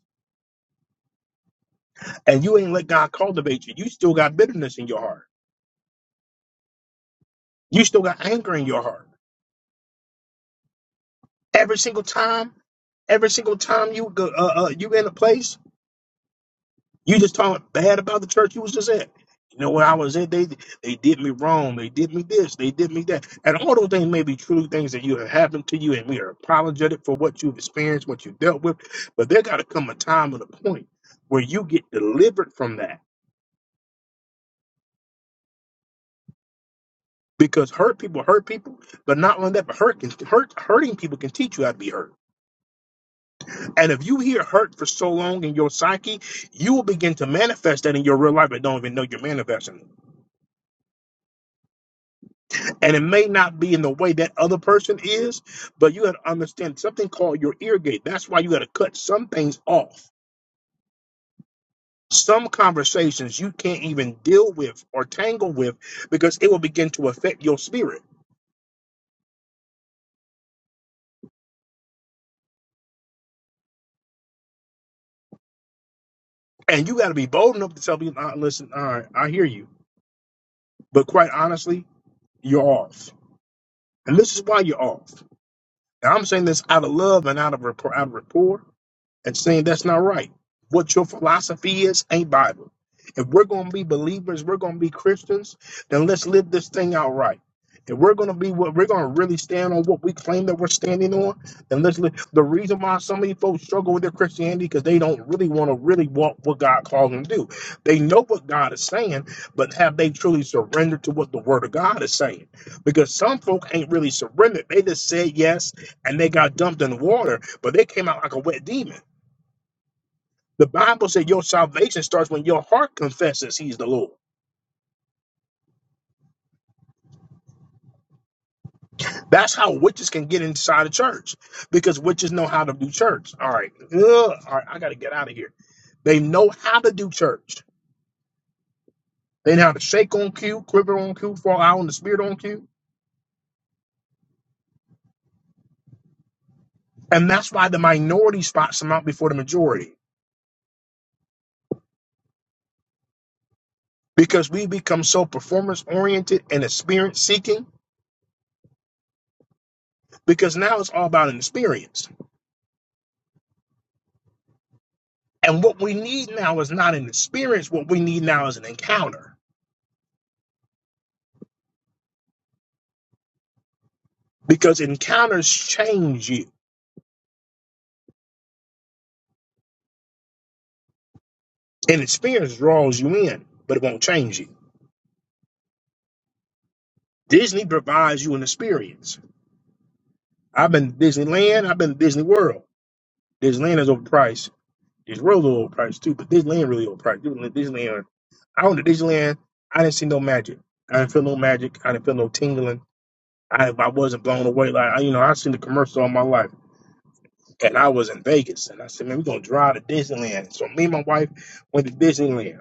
[SPEAKER 1] And you ain't let God cultivate you. You still got bitterness in your heart. You still got anger in your heart. Every single time, every single time you go, uh, uh, you in a place You just talking bad about the church you was just at. You know where I was at, they they did me wrong, they did me this, they did me that. And all those things may be true things that you have happened to you, and we are apologetic for what you've experienced, what you dealt with. But there gotta come a time and a point where you get delivered from that. Because hurt people hurt people, but not only that, but hurt can hurt hurting people can teach you how to be hurt. And if you hear hurt for so long in your psyche, you will begin to manifest that in your real life but don't even know you're manifesting it. And it may not be in the way that other person is, but you got to understand something called your ear gate. That's why you got to cut some things off. Some conversations you can't even deal with or tangle with because it will begin to affect your spirit. And you got to be bold enough to tell people, uh, listen, all right, I hear you. But quite honestly, you're off. And this is why you're off. And I'm saying this out of love and out of rapport. Out of rapport and saying that's not right. What your philosophy is ain't Bible. If we're going to be believers, we're going to be Christians, then let's live this thing out right. If we're going to be what we're going to really stand on what we claim that we're standing on, then let's live. The reason why so many folks struggle with their Christianity because they don't really want to really walk what God calls them to do. They know what God is saying, but have they truly surrendered to what the Word of God is saying? Because some folk ain't really surrendered. They just said yes and they got dumped in the water, but they came out like a wet demon. The Bible said your salvation starts when your heart confesses he's the Lord. That's how witches can get inside the church because witches know how to do church. All right. Ugh. all right. I got to get out of here. They know how to do church. They know how to shake on cue, quiver on cue, fall out on the spirit on cue. And that's why the minority spots them out before the majority because we become so performance oriented and experience seeking because now it's all about an experience. And what we need now is not an experience. What we need now is an encounter. because encounters change you and experience draws you in but it won't change you disney provides you an experience i've been to disneyland i've been to disney world disneyland is overpriced Disney World is overpriced too but disneyland really overpriced disneyland i went to disneyland i didn't see no magic i didn't feel no magic i didn't feel no tingling I, I wasn't blown away. Like I- you know, I've seen the commercial all my life, and I was in Vegas, and I said, "Man, we're gonna drive to Disneyland." So me and my wife went to Disneyland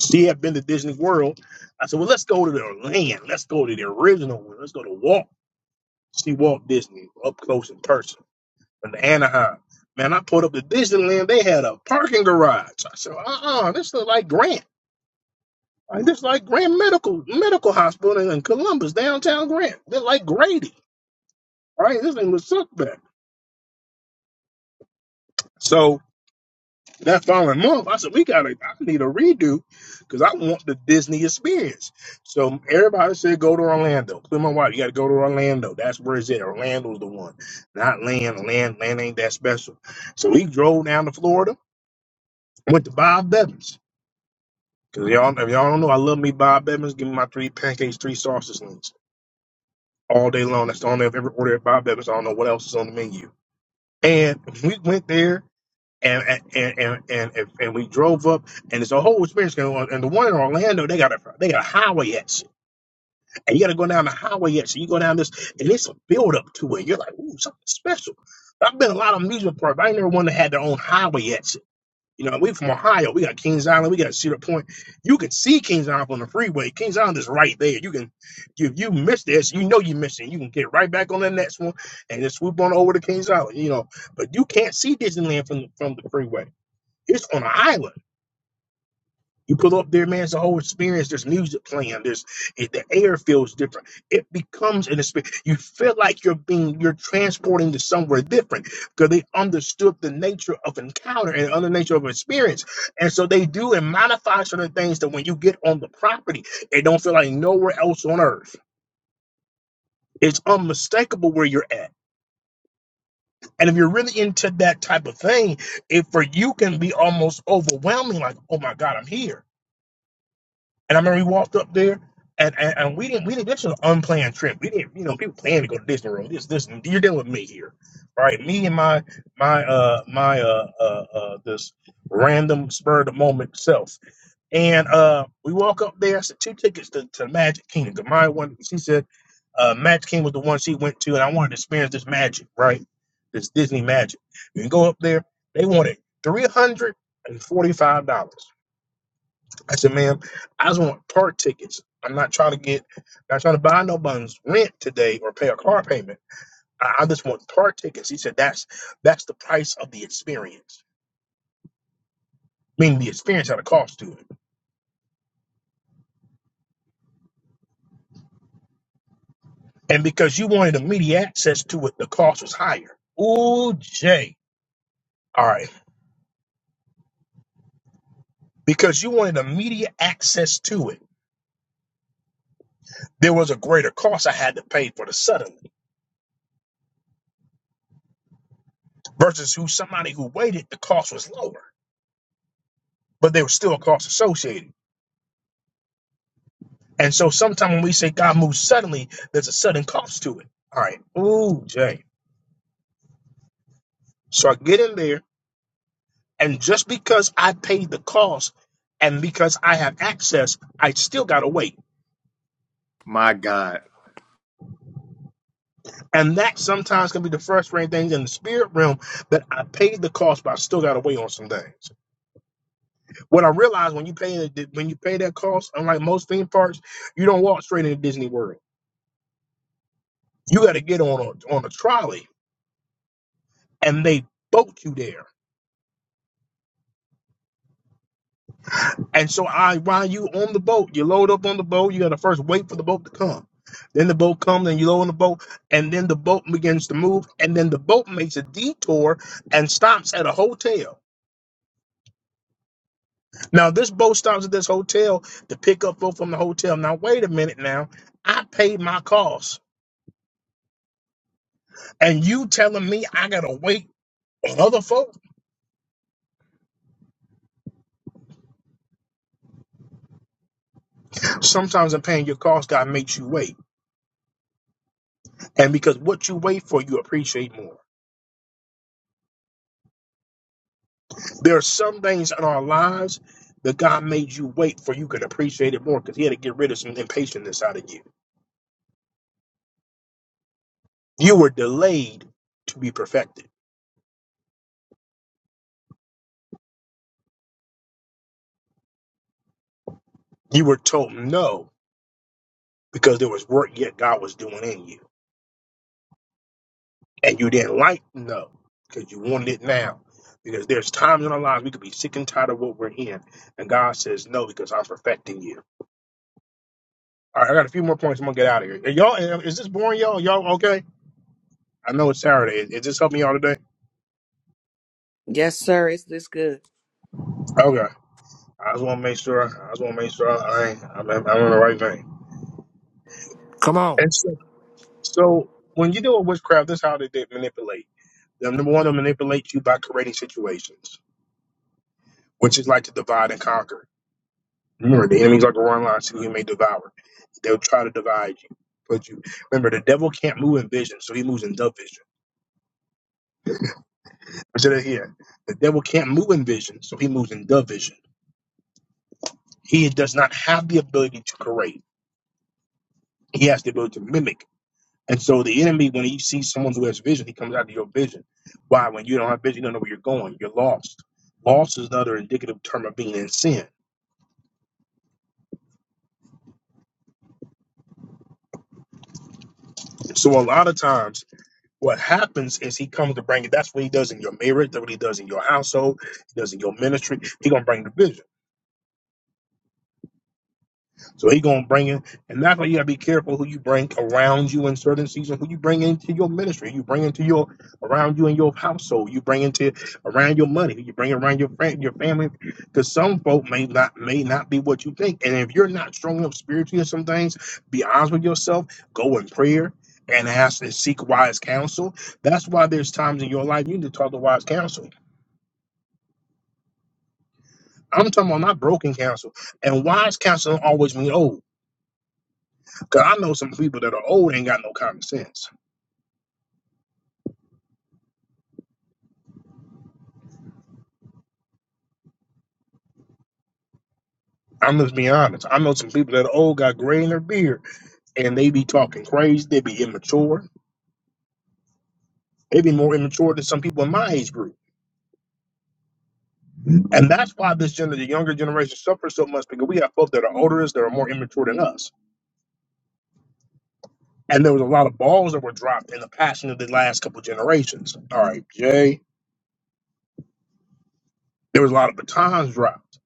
[SPEAKER 1] She had been to Disney World. I said, well, let's go to the land. Let's go to the original one. Let's go to Walt. See Walt Disney up close in person in Anaheim. Man, I pulled up to Disneyland. They had a parking garage. I said, uh-uh, this is like Grant. Like, this is like Grant Medical Medical Hospital in Columbus, downtown Grant. They're like Grady. Right? This thing was sucked back. So that following month, I said, we gotta, I need a redo because I want the Disney experience. So everybody said, go to Orlando. Including my wife, you gotta go to Orlando. That's where it's at. Orlando's the one, not land. Land, land ain't that special. So we drove down to Florida, went to Bob Evans, Because y'all, if y'all don't know, I love me Bob Evans. Give me my three pancakes, three sausage links all day long. That's the only I've ever ordered at Bob Evans. I don't know what else is on the menu. And we went there and and and and, and, and we drove up, and it's a whole experience going on. And the one in Orlando, they got a they got a highway exit, and you got to go down the highway exit. You go down this, and it's a build up to it. You're like, ooh, something special. I've been to a lot of amusement parks, but I ain't never one that had their own highway exit. You know, we from Ohio. We got Kings Island. We got Cedar Point. You can see Kings Island on the freeway. Kings Island is right there. You can, if you miss this, you know you missed it. You can get right back on the next one and just swoop on over to Kings Island. You know, but you can't see Disneyland from from the freeway. It's on an island. You pull up there, man. It's a whole experience. There's music playing. There's it, the air feels different. It becomes an experience. You feel like you're being you're transporting to somewhere different because they understood the nature of encounter and other nature of experience. And so they do and modify certain things that when you get on the property, it don't feel like nowhere else on earth. It's unmistakable where you're at. And if you're really into that type of thing, it for you can be almost overwhelming, like, oh my God, I'm here And I remember we walked up there, and and, and we didn't we didn't. This was an unplanned trip. We didn't, you know, people plan to go to Disney World. This this you're dealing with me here, right? Me and my my uh my uh uh, uh this random spur of the moment self. And uh, we walk up there. I said two tickets to, to Magic Kingdom. 'Cause My one, she said, uh, Magic Kingdom was the one she went to, and I wanted to experience this magic, right? This Disney magic. You can go up there. They wanted three hundred and forty-five dollars. I said, ma'am, I just want park tickets. I'm not trying to get, not trying to buy nobody's rent today or pay a car payment. I, I just want park tickets. He said, that's that's the price of the experience. Meaning the experience had a cost to it. And because you wanted immediate access to it, the cost was higher. Ooh, Jay. All right. Because you wanted immediate access to it, there was a greater cost I had to pay for the suddenly versus who somebody who waited, the cost was lower, but there was still a cost associated. And so sometimes when we say God moves suddenly, there's a sudden cost to it. All right. Ooh, Jay. So I get in there, and just because I paid the cost and because I have access, I still gotta wait.
[SPEAKER 2] My God.
[SPEAKER 1] And that sometimes can be the frustrating things in the spirit realm that I paid the cost, but I still gotta wait on some things. What I realized when you pay when you pay that cost, unlike most theme parks, you don't walk straight into Disney World. You gotta get on a on a trolley and they boat you there And so I while you on the boat, you load up on the boat, you gotta first wait for the boat to come. Then the boat comes and you load on the boat, and then the boat begins to move, and then the boat makes a detour and stops at a hotel. Now this boat stops at this hotel to pick up folk from the hotel. Now wait a minute now. I paid my costs. And you telling me I gotta wait on other folk? Sometimes in paying your costs, God makes you wait. And because what you wait for, you appreciate more. There are some things in our lives that God made you wait for you could appreciate it more because He had to get rid of some impatientness out of you. You were delayed to be perfected. You were told no because there was work yet God was doing in you. And you didn't like no because you wanted it now. Because there's times in our lives we could be sick and tired of what we're in. And God says no because I'm perfecting you. All right, I got a few more points. I'm going to get out of here. Are y'all, is this boring, y'all? Y'all okay? I know it's Saturday. Is this helping y'all today?
[SPEAKER 3] Yes, sir. It's this good.
[SPEAKER 1] Okay. I just want to make sure. I just want to make sure I, ain't, I'm, I'm I'm in the right vein.
[SPEAKER 5] Come on.
[SPEAKER 1] And so, so when you do a witchcraft, this is how they did manipulate. Them- Number one, they manipulate you by creating situations, which is like to divide and conquer. Remember, the enemy's like a roaring lion, see who he may devour. They'll try to divide you, put you. Remember, the devil can't move in vision, so he moves in dove vision. Consider it here. The devil can't move in vision, so he moves in dove vision. He does not have the ability to create. He has the ability to mimic And so the enemy, when he sees someone who has vision, he comes out of your vision. Why? When you don't have vision, you don't know where you're going. You're lost. Lost is another indicative term of being in sin. So a lot of times, what happens is he comes to bring it. That's what he does in your marriage. That's what he does in your household. He does in your ministry. He gonna bring the vision. So he gonna bring in, and that's why you gotta be careful who you bring around you in certain seasons, who you bring into your ministry, you bring into your around you in your household, you bring into around your money, you bring around your friend, your family, because some folk may not may not be what you think, and if you're not strong enough spiritually in some things, be honest with yourself, go in prayer. And ask and seek wise counsel. That's why there's times in your life you need to talk to wise counsel. I'm talking about not broken counsel. And wise counsel don't always mean old. Cause I know some people that are old ain't got no common sense. I'm just being honest. I know some people that are old got gray in their beard and they be talking crazy. They be immature. They be more immature than some people in my age group. And that's why this gen- the younger generation suffers so much because we have folks that are older than us that are more immature than us. And there was a lot of balls that were dropped in the passing of the last couple generations. All right, Jay. There was a lot of batons dropped.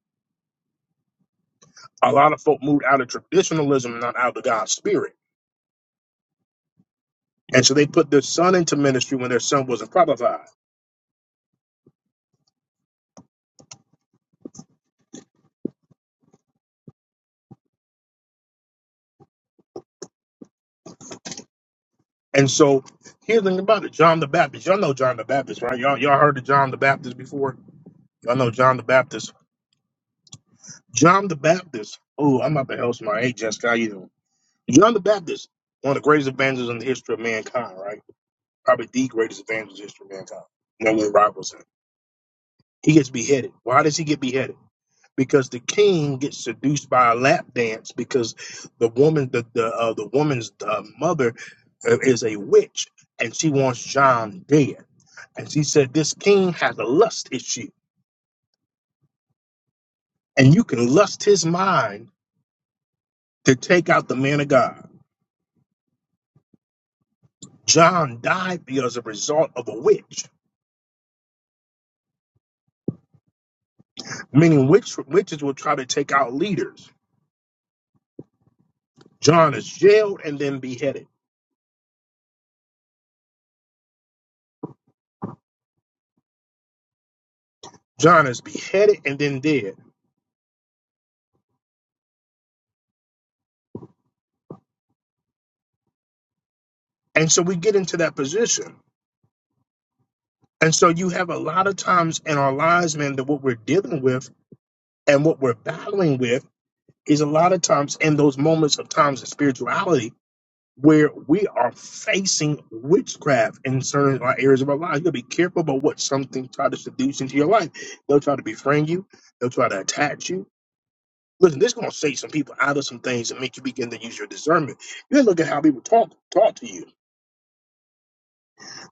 [SPEAKER 1] A lot of folk moved out of traditionalism and not out of God's spirit. And so they put their son into ministry when their son wasn't qualified. And so here's the thing about it. John the Baptist. Y'all know John the Baptist, right? Y'all y'all heard of John the Baptist before? Y'all know John the Baptist. John the Baptist. Oh, I'm about to help my hey Jessica, how you doing? John the Baptist, one of the greatest evangelists in the history of mankind, right? Probably the greatest evangelist in the history of mankind. No one rivals him. He gets beheaded. Why does he get beheaded? Because the king gets seduced by a lap dance because the woman, the the uh, the woman's uh, mother, uh, is a witch, and she wants John dead. And she said, This king has a lust issue, and you can lust his mind to take out the man of God. John died because a result of a witch, meaning witch, witches will try to take out leaders. John is jailed and then beheaded. John is beheaded and then dead. And so we get into that position. And so you have a lot of times in our lives, man, that what we're dealing with and what we're battling with is a lot of times in those moments of times of spirituality where we are facing witchcraft in certain uh, areas of our lives. You gotta be careful about what something try to seduce into your life. They'll try to befriend you, they'll try to attach you. Listen, this is gonna say some people out of some things and make you begin to use your discernment. You gotta look at how people talk talk to you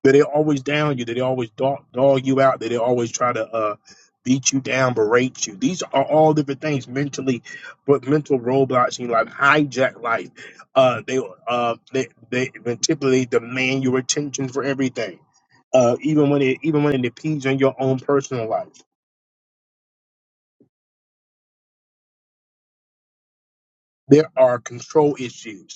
[SPEAKER 1] that they always down you, that they always dog, dog you out, that they always try to uh, beat you down, berate you. These are all different things mentally, but mental roadblocks in life hijack life. Uh, they uh, they they typically demand your attention for everything, uh, even when it even when it impedes on your own personal life. There are control issues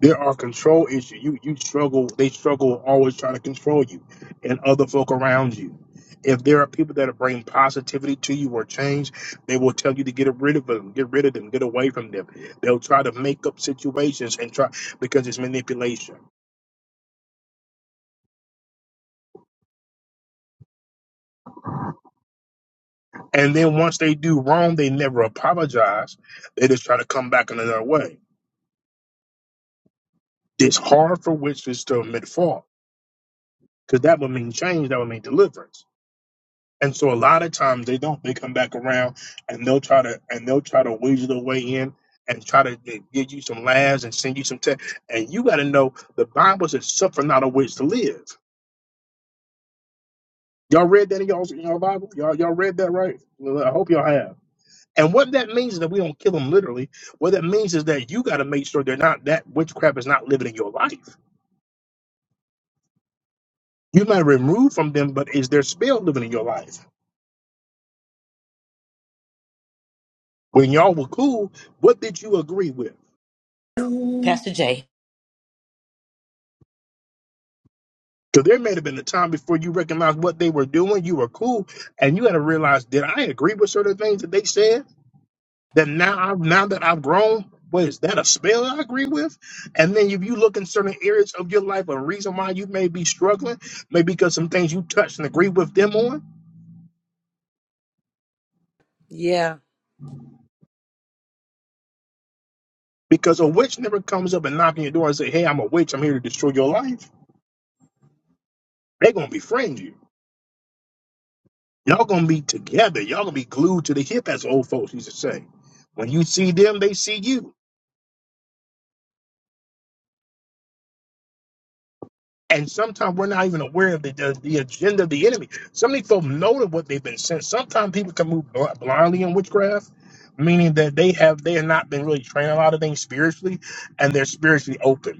[SPEAKER 1] there are control issues. You you struggle. They struggle always trying to control you and other folk around you. If there are people that bring positivity to you or change, they will tell you to get rid of them, get rid of them, get away from them. They'll try to make up situations and try because it's manipulation. And then once they do wrong, they never apologize. They just try to come back another way. It's hard for witches to admit fault because that would mean change. That would mean deliverance. And so a lot of times they don't. They come back around and they'll try to and they'll try to weasel their way in and try to give you some laughs and send you some text. And you got to know the Bible says, "Suffer not a witch to live." Y'all read that in y'all in y'all Bible? Y'all y'all read that right? Well, I hope y'all have. And what that means is that we don't kill them literally. What that means is that you got to make sure they're not that witchcraft is not living in your life. You might remove from them, but is their spell living in your life? When y'all were cool, what did you agree with?
[SPEAKER 4] Pastor Jay.
[SPEAKER 1] Because there may have been a time before you recognized what they were doing, you were cool, and you had to realize, did I agree with certain things that they said? That now i now that I've grown, what is that a spell I agree with? And then if you look in certain areas of your life, a reason why you may be struggling, maybe because some things you touched and agree with them on,
[SPEAKER 3] Yeah.
[SPEAKER 1] because a witch never comes up and knock your door and say, Hey, I'm a witch, I'm here to destroy your life. They're gonna befriend you. Y'all gonna be together, y'all gonna be glued to the hip, as old folks used to say. When you see them, they see you. And sometimes we're not even aware of the, the, the agenda of the enemy. Some of these folks know that what they've been sent. Sometimes people can move bl- blindly in witchcraft, meaning that they have they have not been really trained a lot of things spiritually, and they're spiritually open.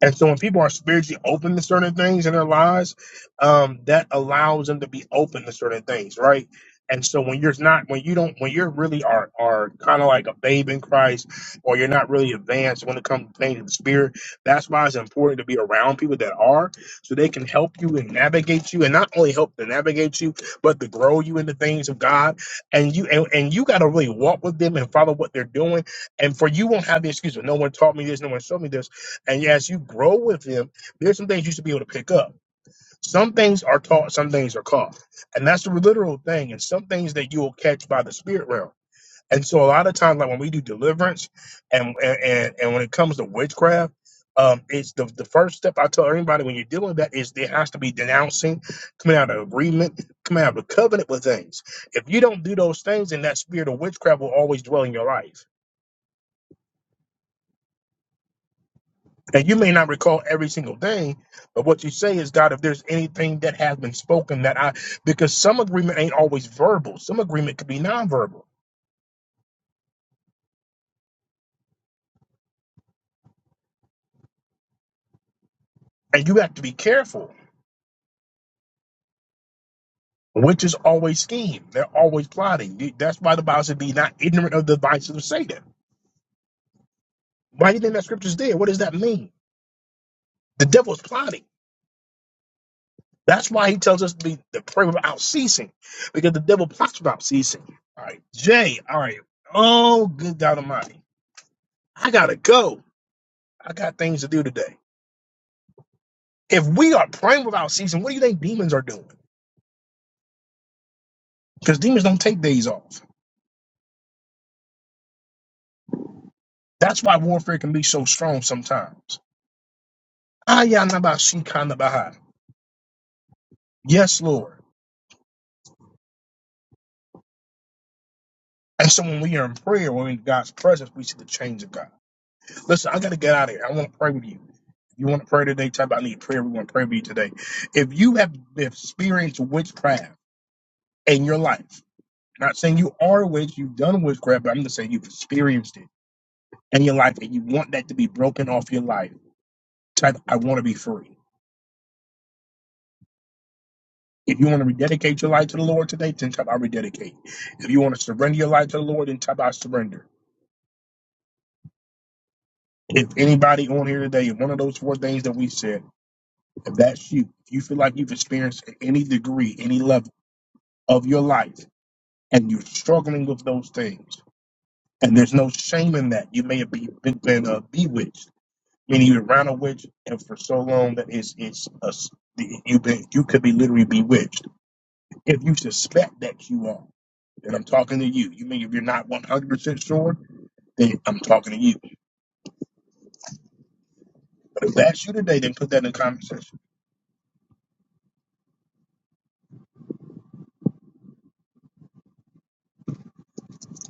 [SPEAKER 1] And so when people are spiritually open to certain things in their lives, um, that allows them to be open to certain things, right? And so when you're not, when you don't, when you're really are are kind of like a babe in Christ, or you're not really advanced when it comes to things of the spirit, that's why it's important to be around people that are, so they can help you and navigate you, and not only help to navigate you, but to grow you in the things of God. And you and, and you got to really walk with them and follow what they're doing. And for you won't have the excuse of no one taught me this, no one showed me this and yeah, as you grow with him, there's some things you should be able to pick up. Some things are taught, some things are caught. And that's the literal thing. And some things that you will catch by the spirit realm. And so a lot of times, like when we do deliverance and and, and and when it comes to witchcraft, um, it's the, the first step I tell everybody when you're dealing with that is there has to be denouncing, coming out of agreement, coming out of a covenant with things. If you don't do those things, then that spirit of witchcraft will always dwell in your life. And you may not recall every single thing, but what you say is, God, if there's anything that has been spoken that I, because some agreement ain't always verbal, some agreement could be nonverbal. And you have to be careful. Witches always scheme, they're always plotting. That's why the Bible said, be not ignorant of the devices of Satan. Why do you think that scripture's there? What does that mean? The devil's plotting. That's why he tells us to be to pray without ceasing, because the devil plots without ceasing. All right, Jay, all right. Oh, good God Almighty. I gotta go. I got things to do today. If we are praying without ceasing, what do you think demons are doing? Because demons don't take days off. That's why warfare can be so strong sometimes. Ayanabashikanabaha. Yes, Lord. And so when we are in prayer, when we're in God's presence, we see the change of God. Listen, I got to get out of here. I want to pray with you. If you want to pray today, type I need prayer. We want to pray with you today. If you have experienced witchcraft in your life, not saying you are a witch, you've done witchcraft, but I'm just saying you've experienced it in your life and you want that to be broken off your life, type I want to be free. If you want to rededicate your life to the Lord today, then type I rededicate. If you want to surrender your life to the Lord, then type I surrender. If anybody on here today, if one of those four things that we said, if that's you, if you feel like you've experienced at any degree, any level of your life, and you're struggling with those things, and there's no shame in that, you may have been, been uh, bewitched, meaning you're around a witch, and for so long that it's, it's a, s- you've been, you could be literally bewitched If you suspect that you are, then I'm talking to you. You mean if you're not 100% sure, then I'm talking to you. But if that's you today, then put that in the comment section.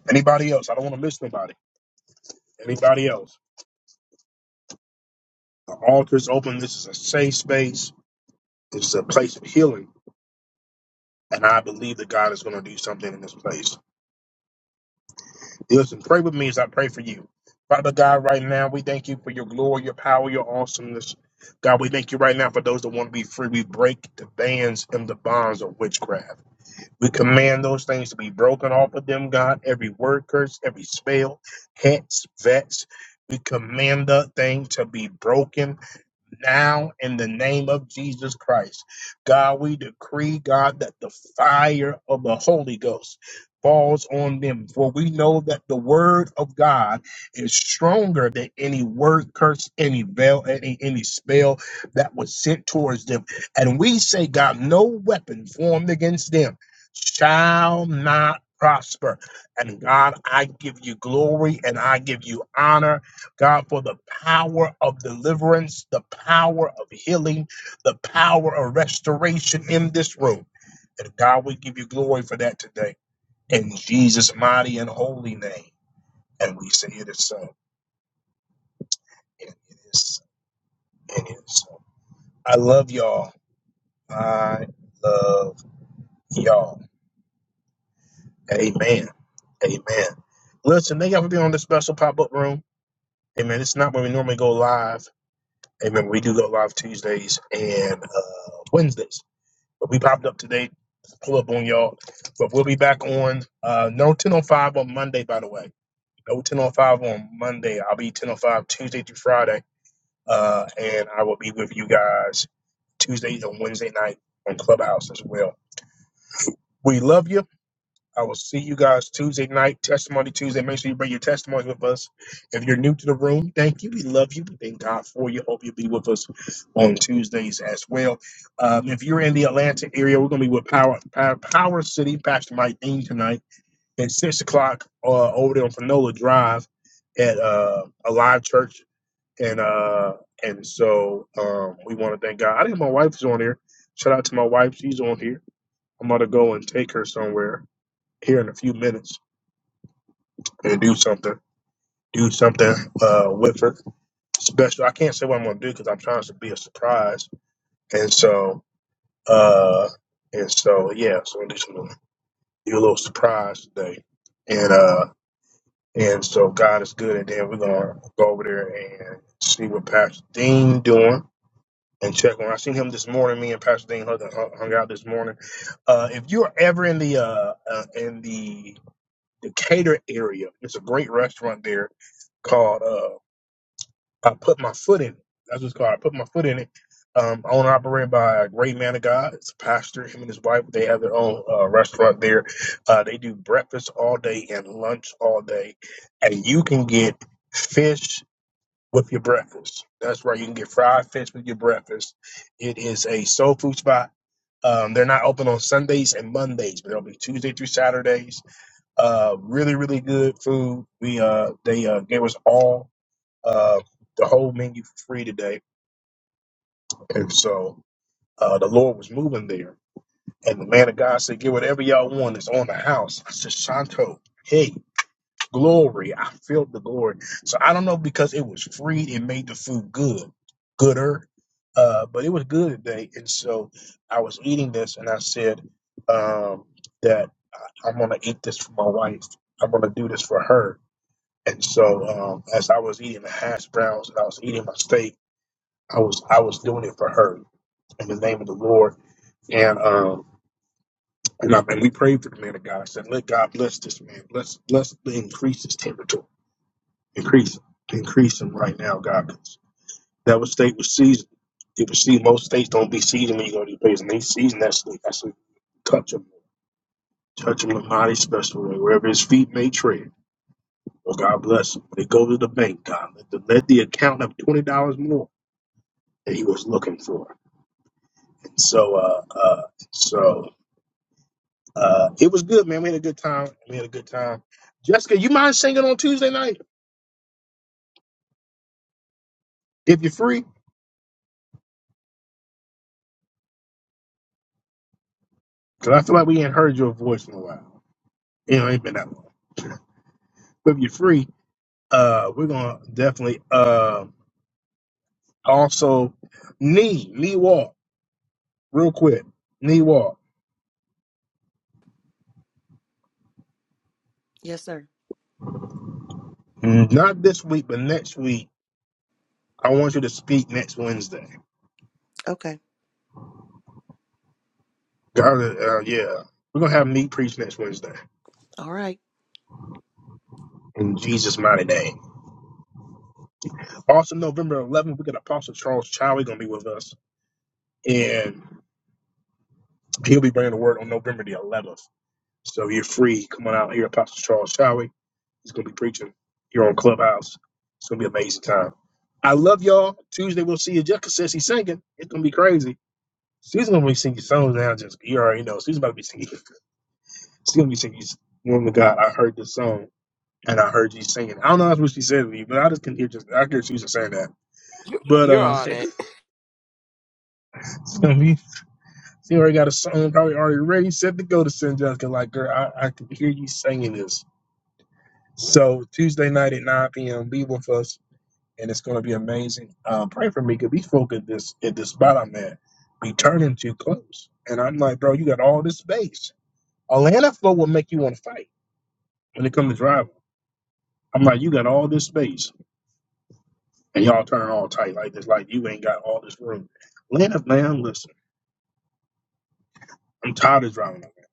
[SPEAKER 1] Anybody else? I don't want to miss nobody. Anybody else? The altar is open. This is a safe space. This is a place of healing. And I believe that God is going to do something in this place. Listen, pray with me as I pray for you. Father God, right now, we thank you for your glory, your power, your awesomeness. God, we thank you right now for those that want to be free. We break the bands and the bonds of witchcraft. We command those things to be broken off of them, God. Every word curse, every spell, hex, vex. We command that thing to be broken now in the name of Jesus Christ. God, we decree, God, that the fire of the Holy Ghost falls on them. For we know that the word of God is stronger than any word curse, any veil, any, any spell that was sent towards them. And we say, God, no weapon formed against them shall not prosper. And God, I give you glory and I give you honor God, for the power of deliverance, the power of healing, the power of restoration in this room. And God, we give you glory for that today. In Jesus' mighty and holy name. And we say it is so. And it is so. And it is so. I love y'all. I love y'all. Amen. Amen. Listen, thank y'all for being on this special pop up room. Amen. It's not where we normally go live. Amen. We do go live Tuesdays and uh, Wednesdays. But we popped up today to pull up on y'all. But we'll be back on uh no 10.05 on Monday, by the way. No 10.05 on Monday. I'll be 10.05 Tuesday through Friday. Uh and I will be with you guys Tuesdays and Wednesday night on Clubhouse as well. We love you. I will see you guys Tuesday night, Testimony Tuesday. Make sure you bring your testimony with us. If you're new to the room, thank you. We love you. We thank God for you. Hope you'll be with us on Tuesdays as well. Um, if you're in the Atlanta area, we're going to be with Power, Power Power City Pastor Mike Dean tonight at 6 o'clock uh, over there on Panola Drive at uh, a live church. And uh, and so um, we want to thank God. I think my wife is on here. Shout out to my wife. She's on here. I'm going to go and take her somewhere here in a few minutes and do something, do something uh, with her special. I can't say what I'm gonna do because I'm trying to be a surprise, and so uh, and so yeah, so I'm gonna do some do a little surprise today, and uh, and so God is good, and then we're gonna go over there and see what Pastor Dean doing. And check on. I seen him this morning. Me and Pastor Dean hung, hung out this morning. Uh, if you're ever in the uh, uh, in the Decatur area, there's a great restaurant there called uh, I put my foot in it. That's what's called. I put my foot in it. Um, owned and operated by a great man of God. It's a pastor. Him and his wife. They have their own uh, restaurant there. Uh, they do breakfast all day and lunch all day, and you can get fish with your breakfast. That's right. You can get fried fish with your breakfast. It is a soul food spot. Um, they're not open on Sundays and Mondays, but it'll be Tuesday through Saturdays. Uh, really, really good food. We uh, they uh, gave us all uh, the whole menu for free today. And so uh, the Lord was moving there. And the man of God said, Get whatever y'all want. It's on the house. I said, Shanto, hey, glory. I felt the glory. So I don't know because it was free, it made the food good, gooder. Uh, but it was good today. And so I was eating this and I said um, that I'm going to eat this for my wife. I'm going to do this for her. And so um, as I was eating the hash browns and I was eating my steak, I was I was doing it for her in the name of the Lord. And um and, I, and we prayed for the man of God. I said, Let God bless this man. Bless bless increase his territory. Increase him. Increase him right now, God. 'Cause That was state was seasoned. It was seasoned. Most states don't be seasoned when you go to these places. And they season that state. I said, touch him. Touch him in a mighty special way. Wherever his feet may tread. Oh God bless him. They go to the bank, God. Let the, let the account have twenty dollars more that he was looking for. And so uh uh so Uh, it was good, man. We had a good time. We had a good time. Jessica, you mind singing on Tuesday night if you're free? Because I feel like we ain't heard your voice in a while. You know, it ain't been that long. <laughs> But if you're free, uh, we're gonna definitely uh, also knee knee walk real quick. Knee walk.
[SPEAKER 3] Yes, sir.
[SPEAKER 1] Mm, Not this week, but next week. I want you to speak next Wednesday.
[SPEAKER 3] Okay.
[SPEAKER 1] God, uh, uh, yeah, we're gonna have me preach next Wednesday
[SPEAKER 3] All right.
[SPEAKER 1] in Jesus' mighty name. Also, November 11th, we got Apostle Charles Chow. He's gonna be with us. and he'll be bringing the word on November the 11th. So you're free. Come on out here, Apostle Charles Showie. He's going to be preaching here on Clubhouse. It's going to be an amazing time. I love y'all. Tuesday we'll see you. Jessica says she's singing. It's going to be crazy. She's going to be singing songs now. Just you already know. She's about to be singing. <laughs> She's going to be singing. Woman of God, I heard this song and I heard you singing. I don't know if that's what she said to me, but I just can hear just I hear Susan saying that. But
[SPEAKER 9] You're
[SPEAKER 1] uh,
[SPEAKER 9] on it.
[SPEAKER 1] <laughs> She already got a song probably already ready, set to go to San Jessica. Like, girl, I, I can hear you singing this. So Tuesday night at 9 p.m., be with us, and it's going to be amazing. Uh, pray for me because these folk at this at this spot I'm at be turning too close, and I'm like, bro, you got all this space. Atlanta folk will make you want to fight when it comes to driving. I'm like, you got all this space, and y'all turn all tight like this, like you ain't got all this room. Atlanta, man, listen, I'm tired of driving. Like that.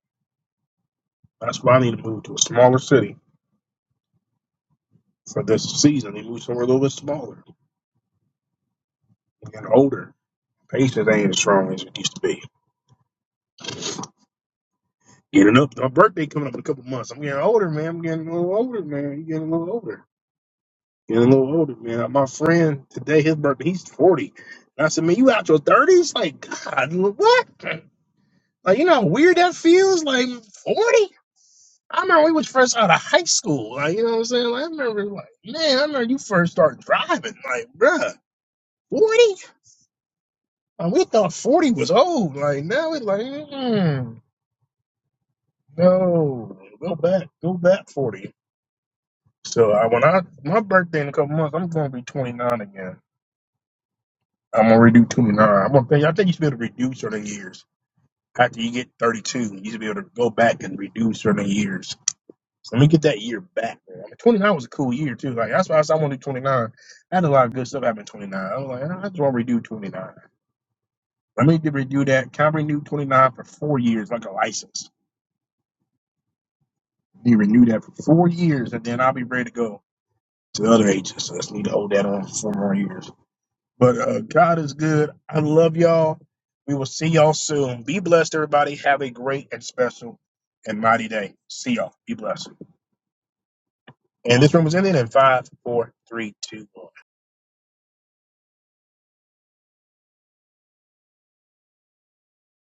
[SPEAKER 1] That's why I need to move to a smaller city for this season. They moved somewhere a little bit smaller and older. Patience ain't as strong as it used to be. Getting up, my birthday coming up in a couple months. I'm getting older, man. I'm getting a little older, man. You getting a little older. Getting a little older, man. My friend today, his birthday, he's 40. And I said, man, you out your 30s? Like, God, what? Like, you know how weird that feels? Like, 40? I remember we was first out of high school. Like, you know what I'm saying? Like, I remember, like, man, I remember you first started driving. Like, bruh, 40? And we thought 40 was old. Like now it's like, mm, no, go back, go back 40. So I, when I my birthday in a couple months, I'm gonna be 29 again. I'm gonna redo 29. I'm gonna pay, I think you should be able to reduce certain years. After you get 32, you should be able to go back and reduce certain years. So let me get that year back. Man. I mean, 29 was a cool year too. Like that's why I said I want to do 29. I had a lot of good stuff happen in 29. I was like, I just want to redo 29. Let me redo that. Can I renew 29 for four years like a license? Need to renew that for four years, and then I'll be ready to go to the other ages. So let's need to hold that on for four more years. But uh, God is good. I love y'all. We will see y'all soon. Be blessed, everybody. Have a great and special and mighty day. See y'all. Be blessed. And this room is ending in five, four, three, two, one.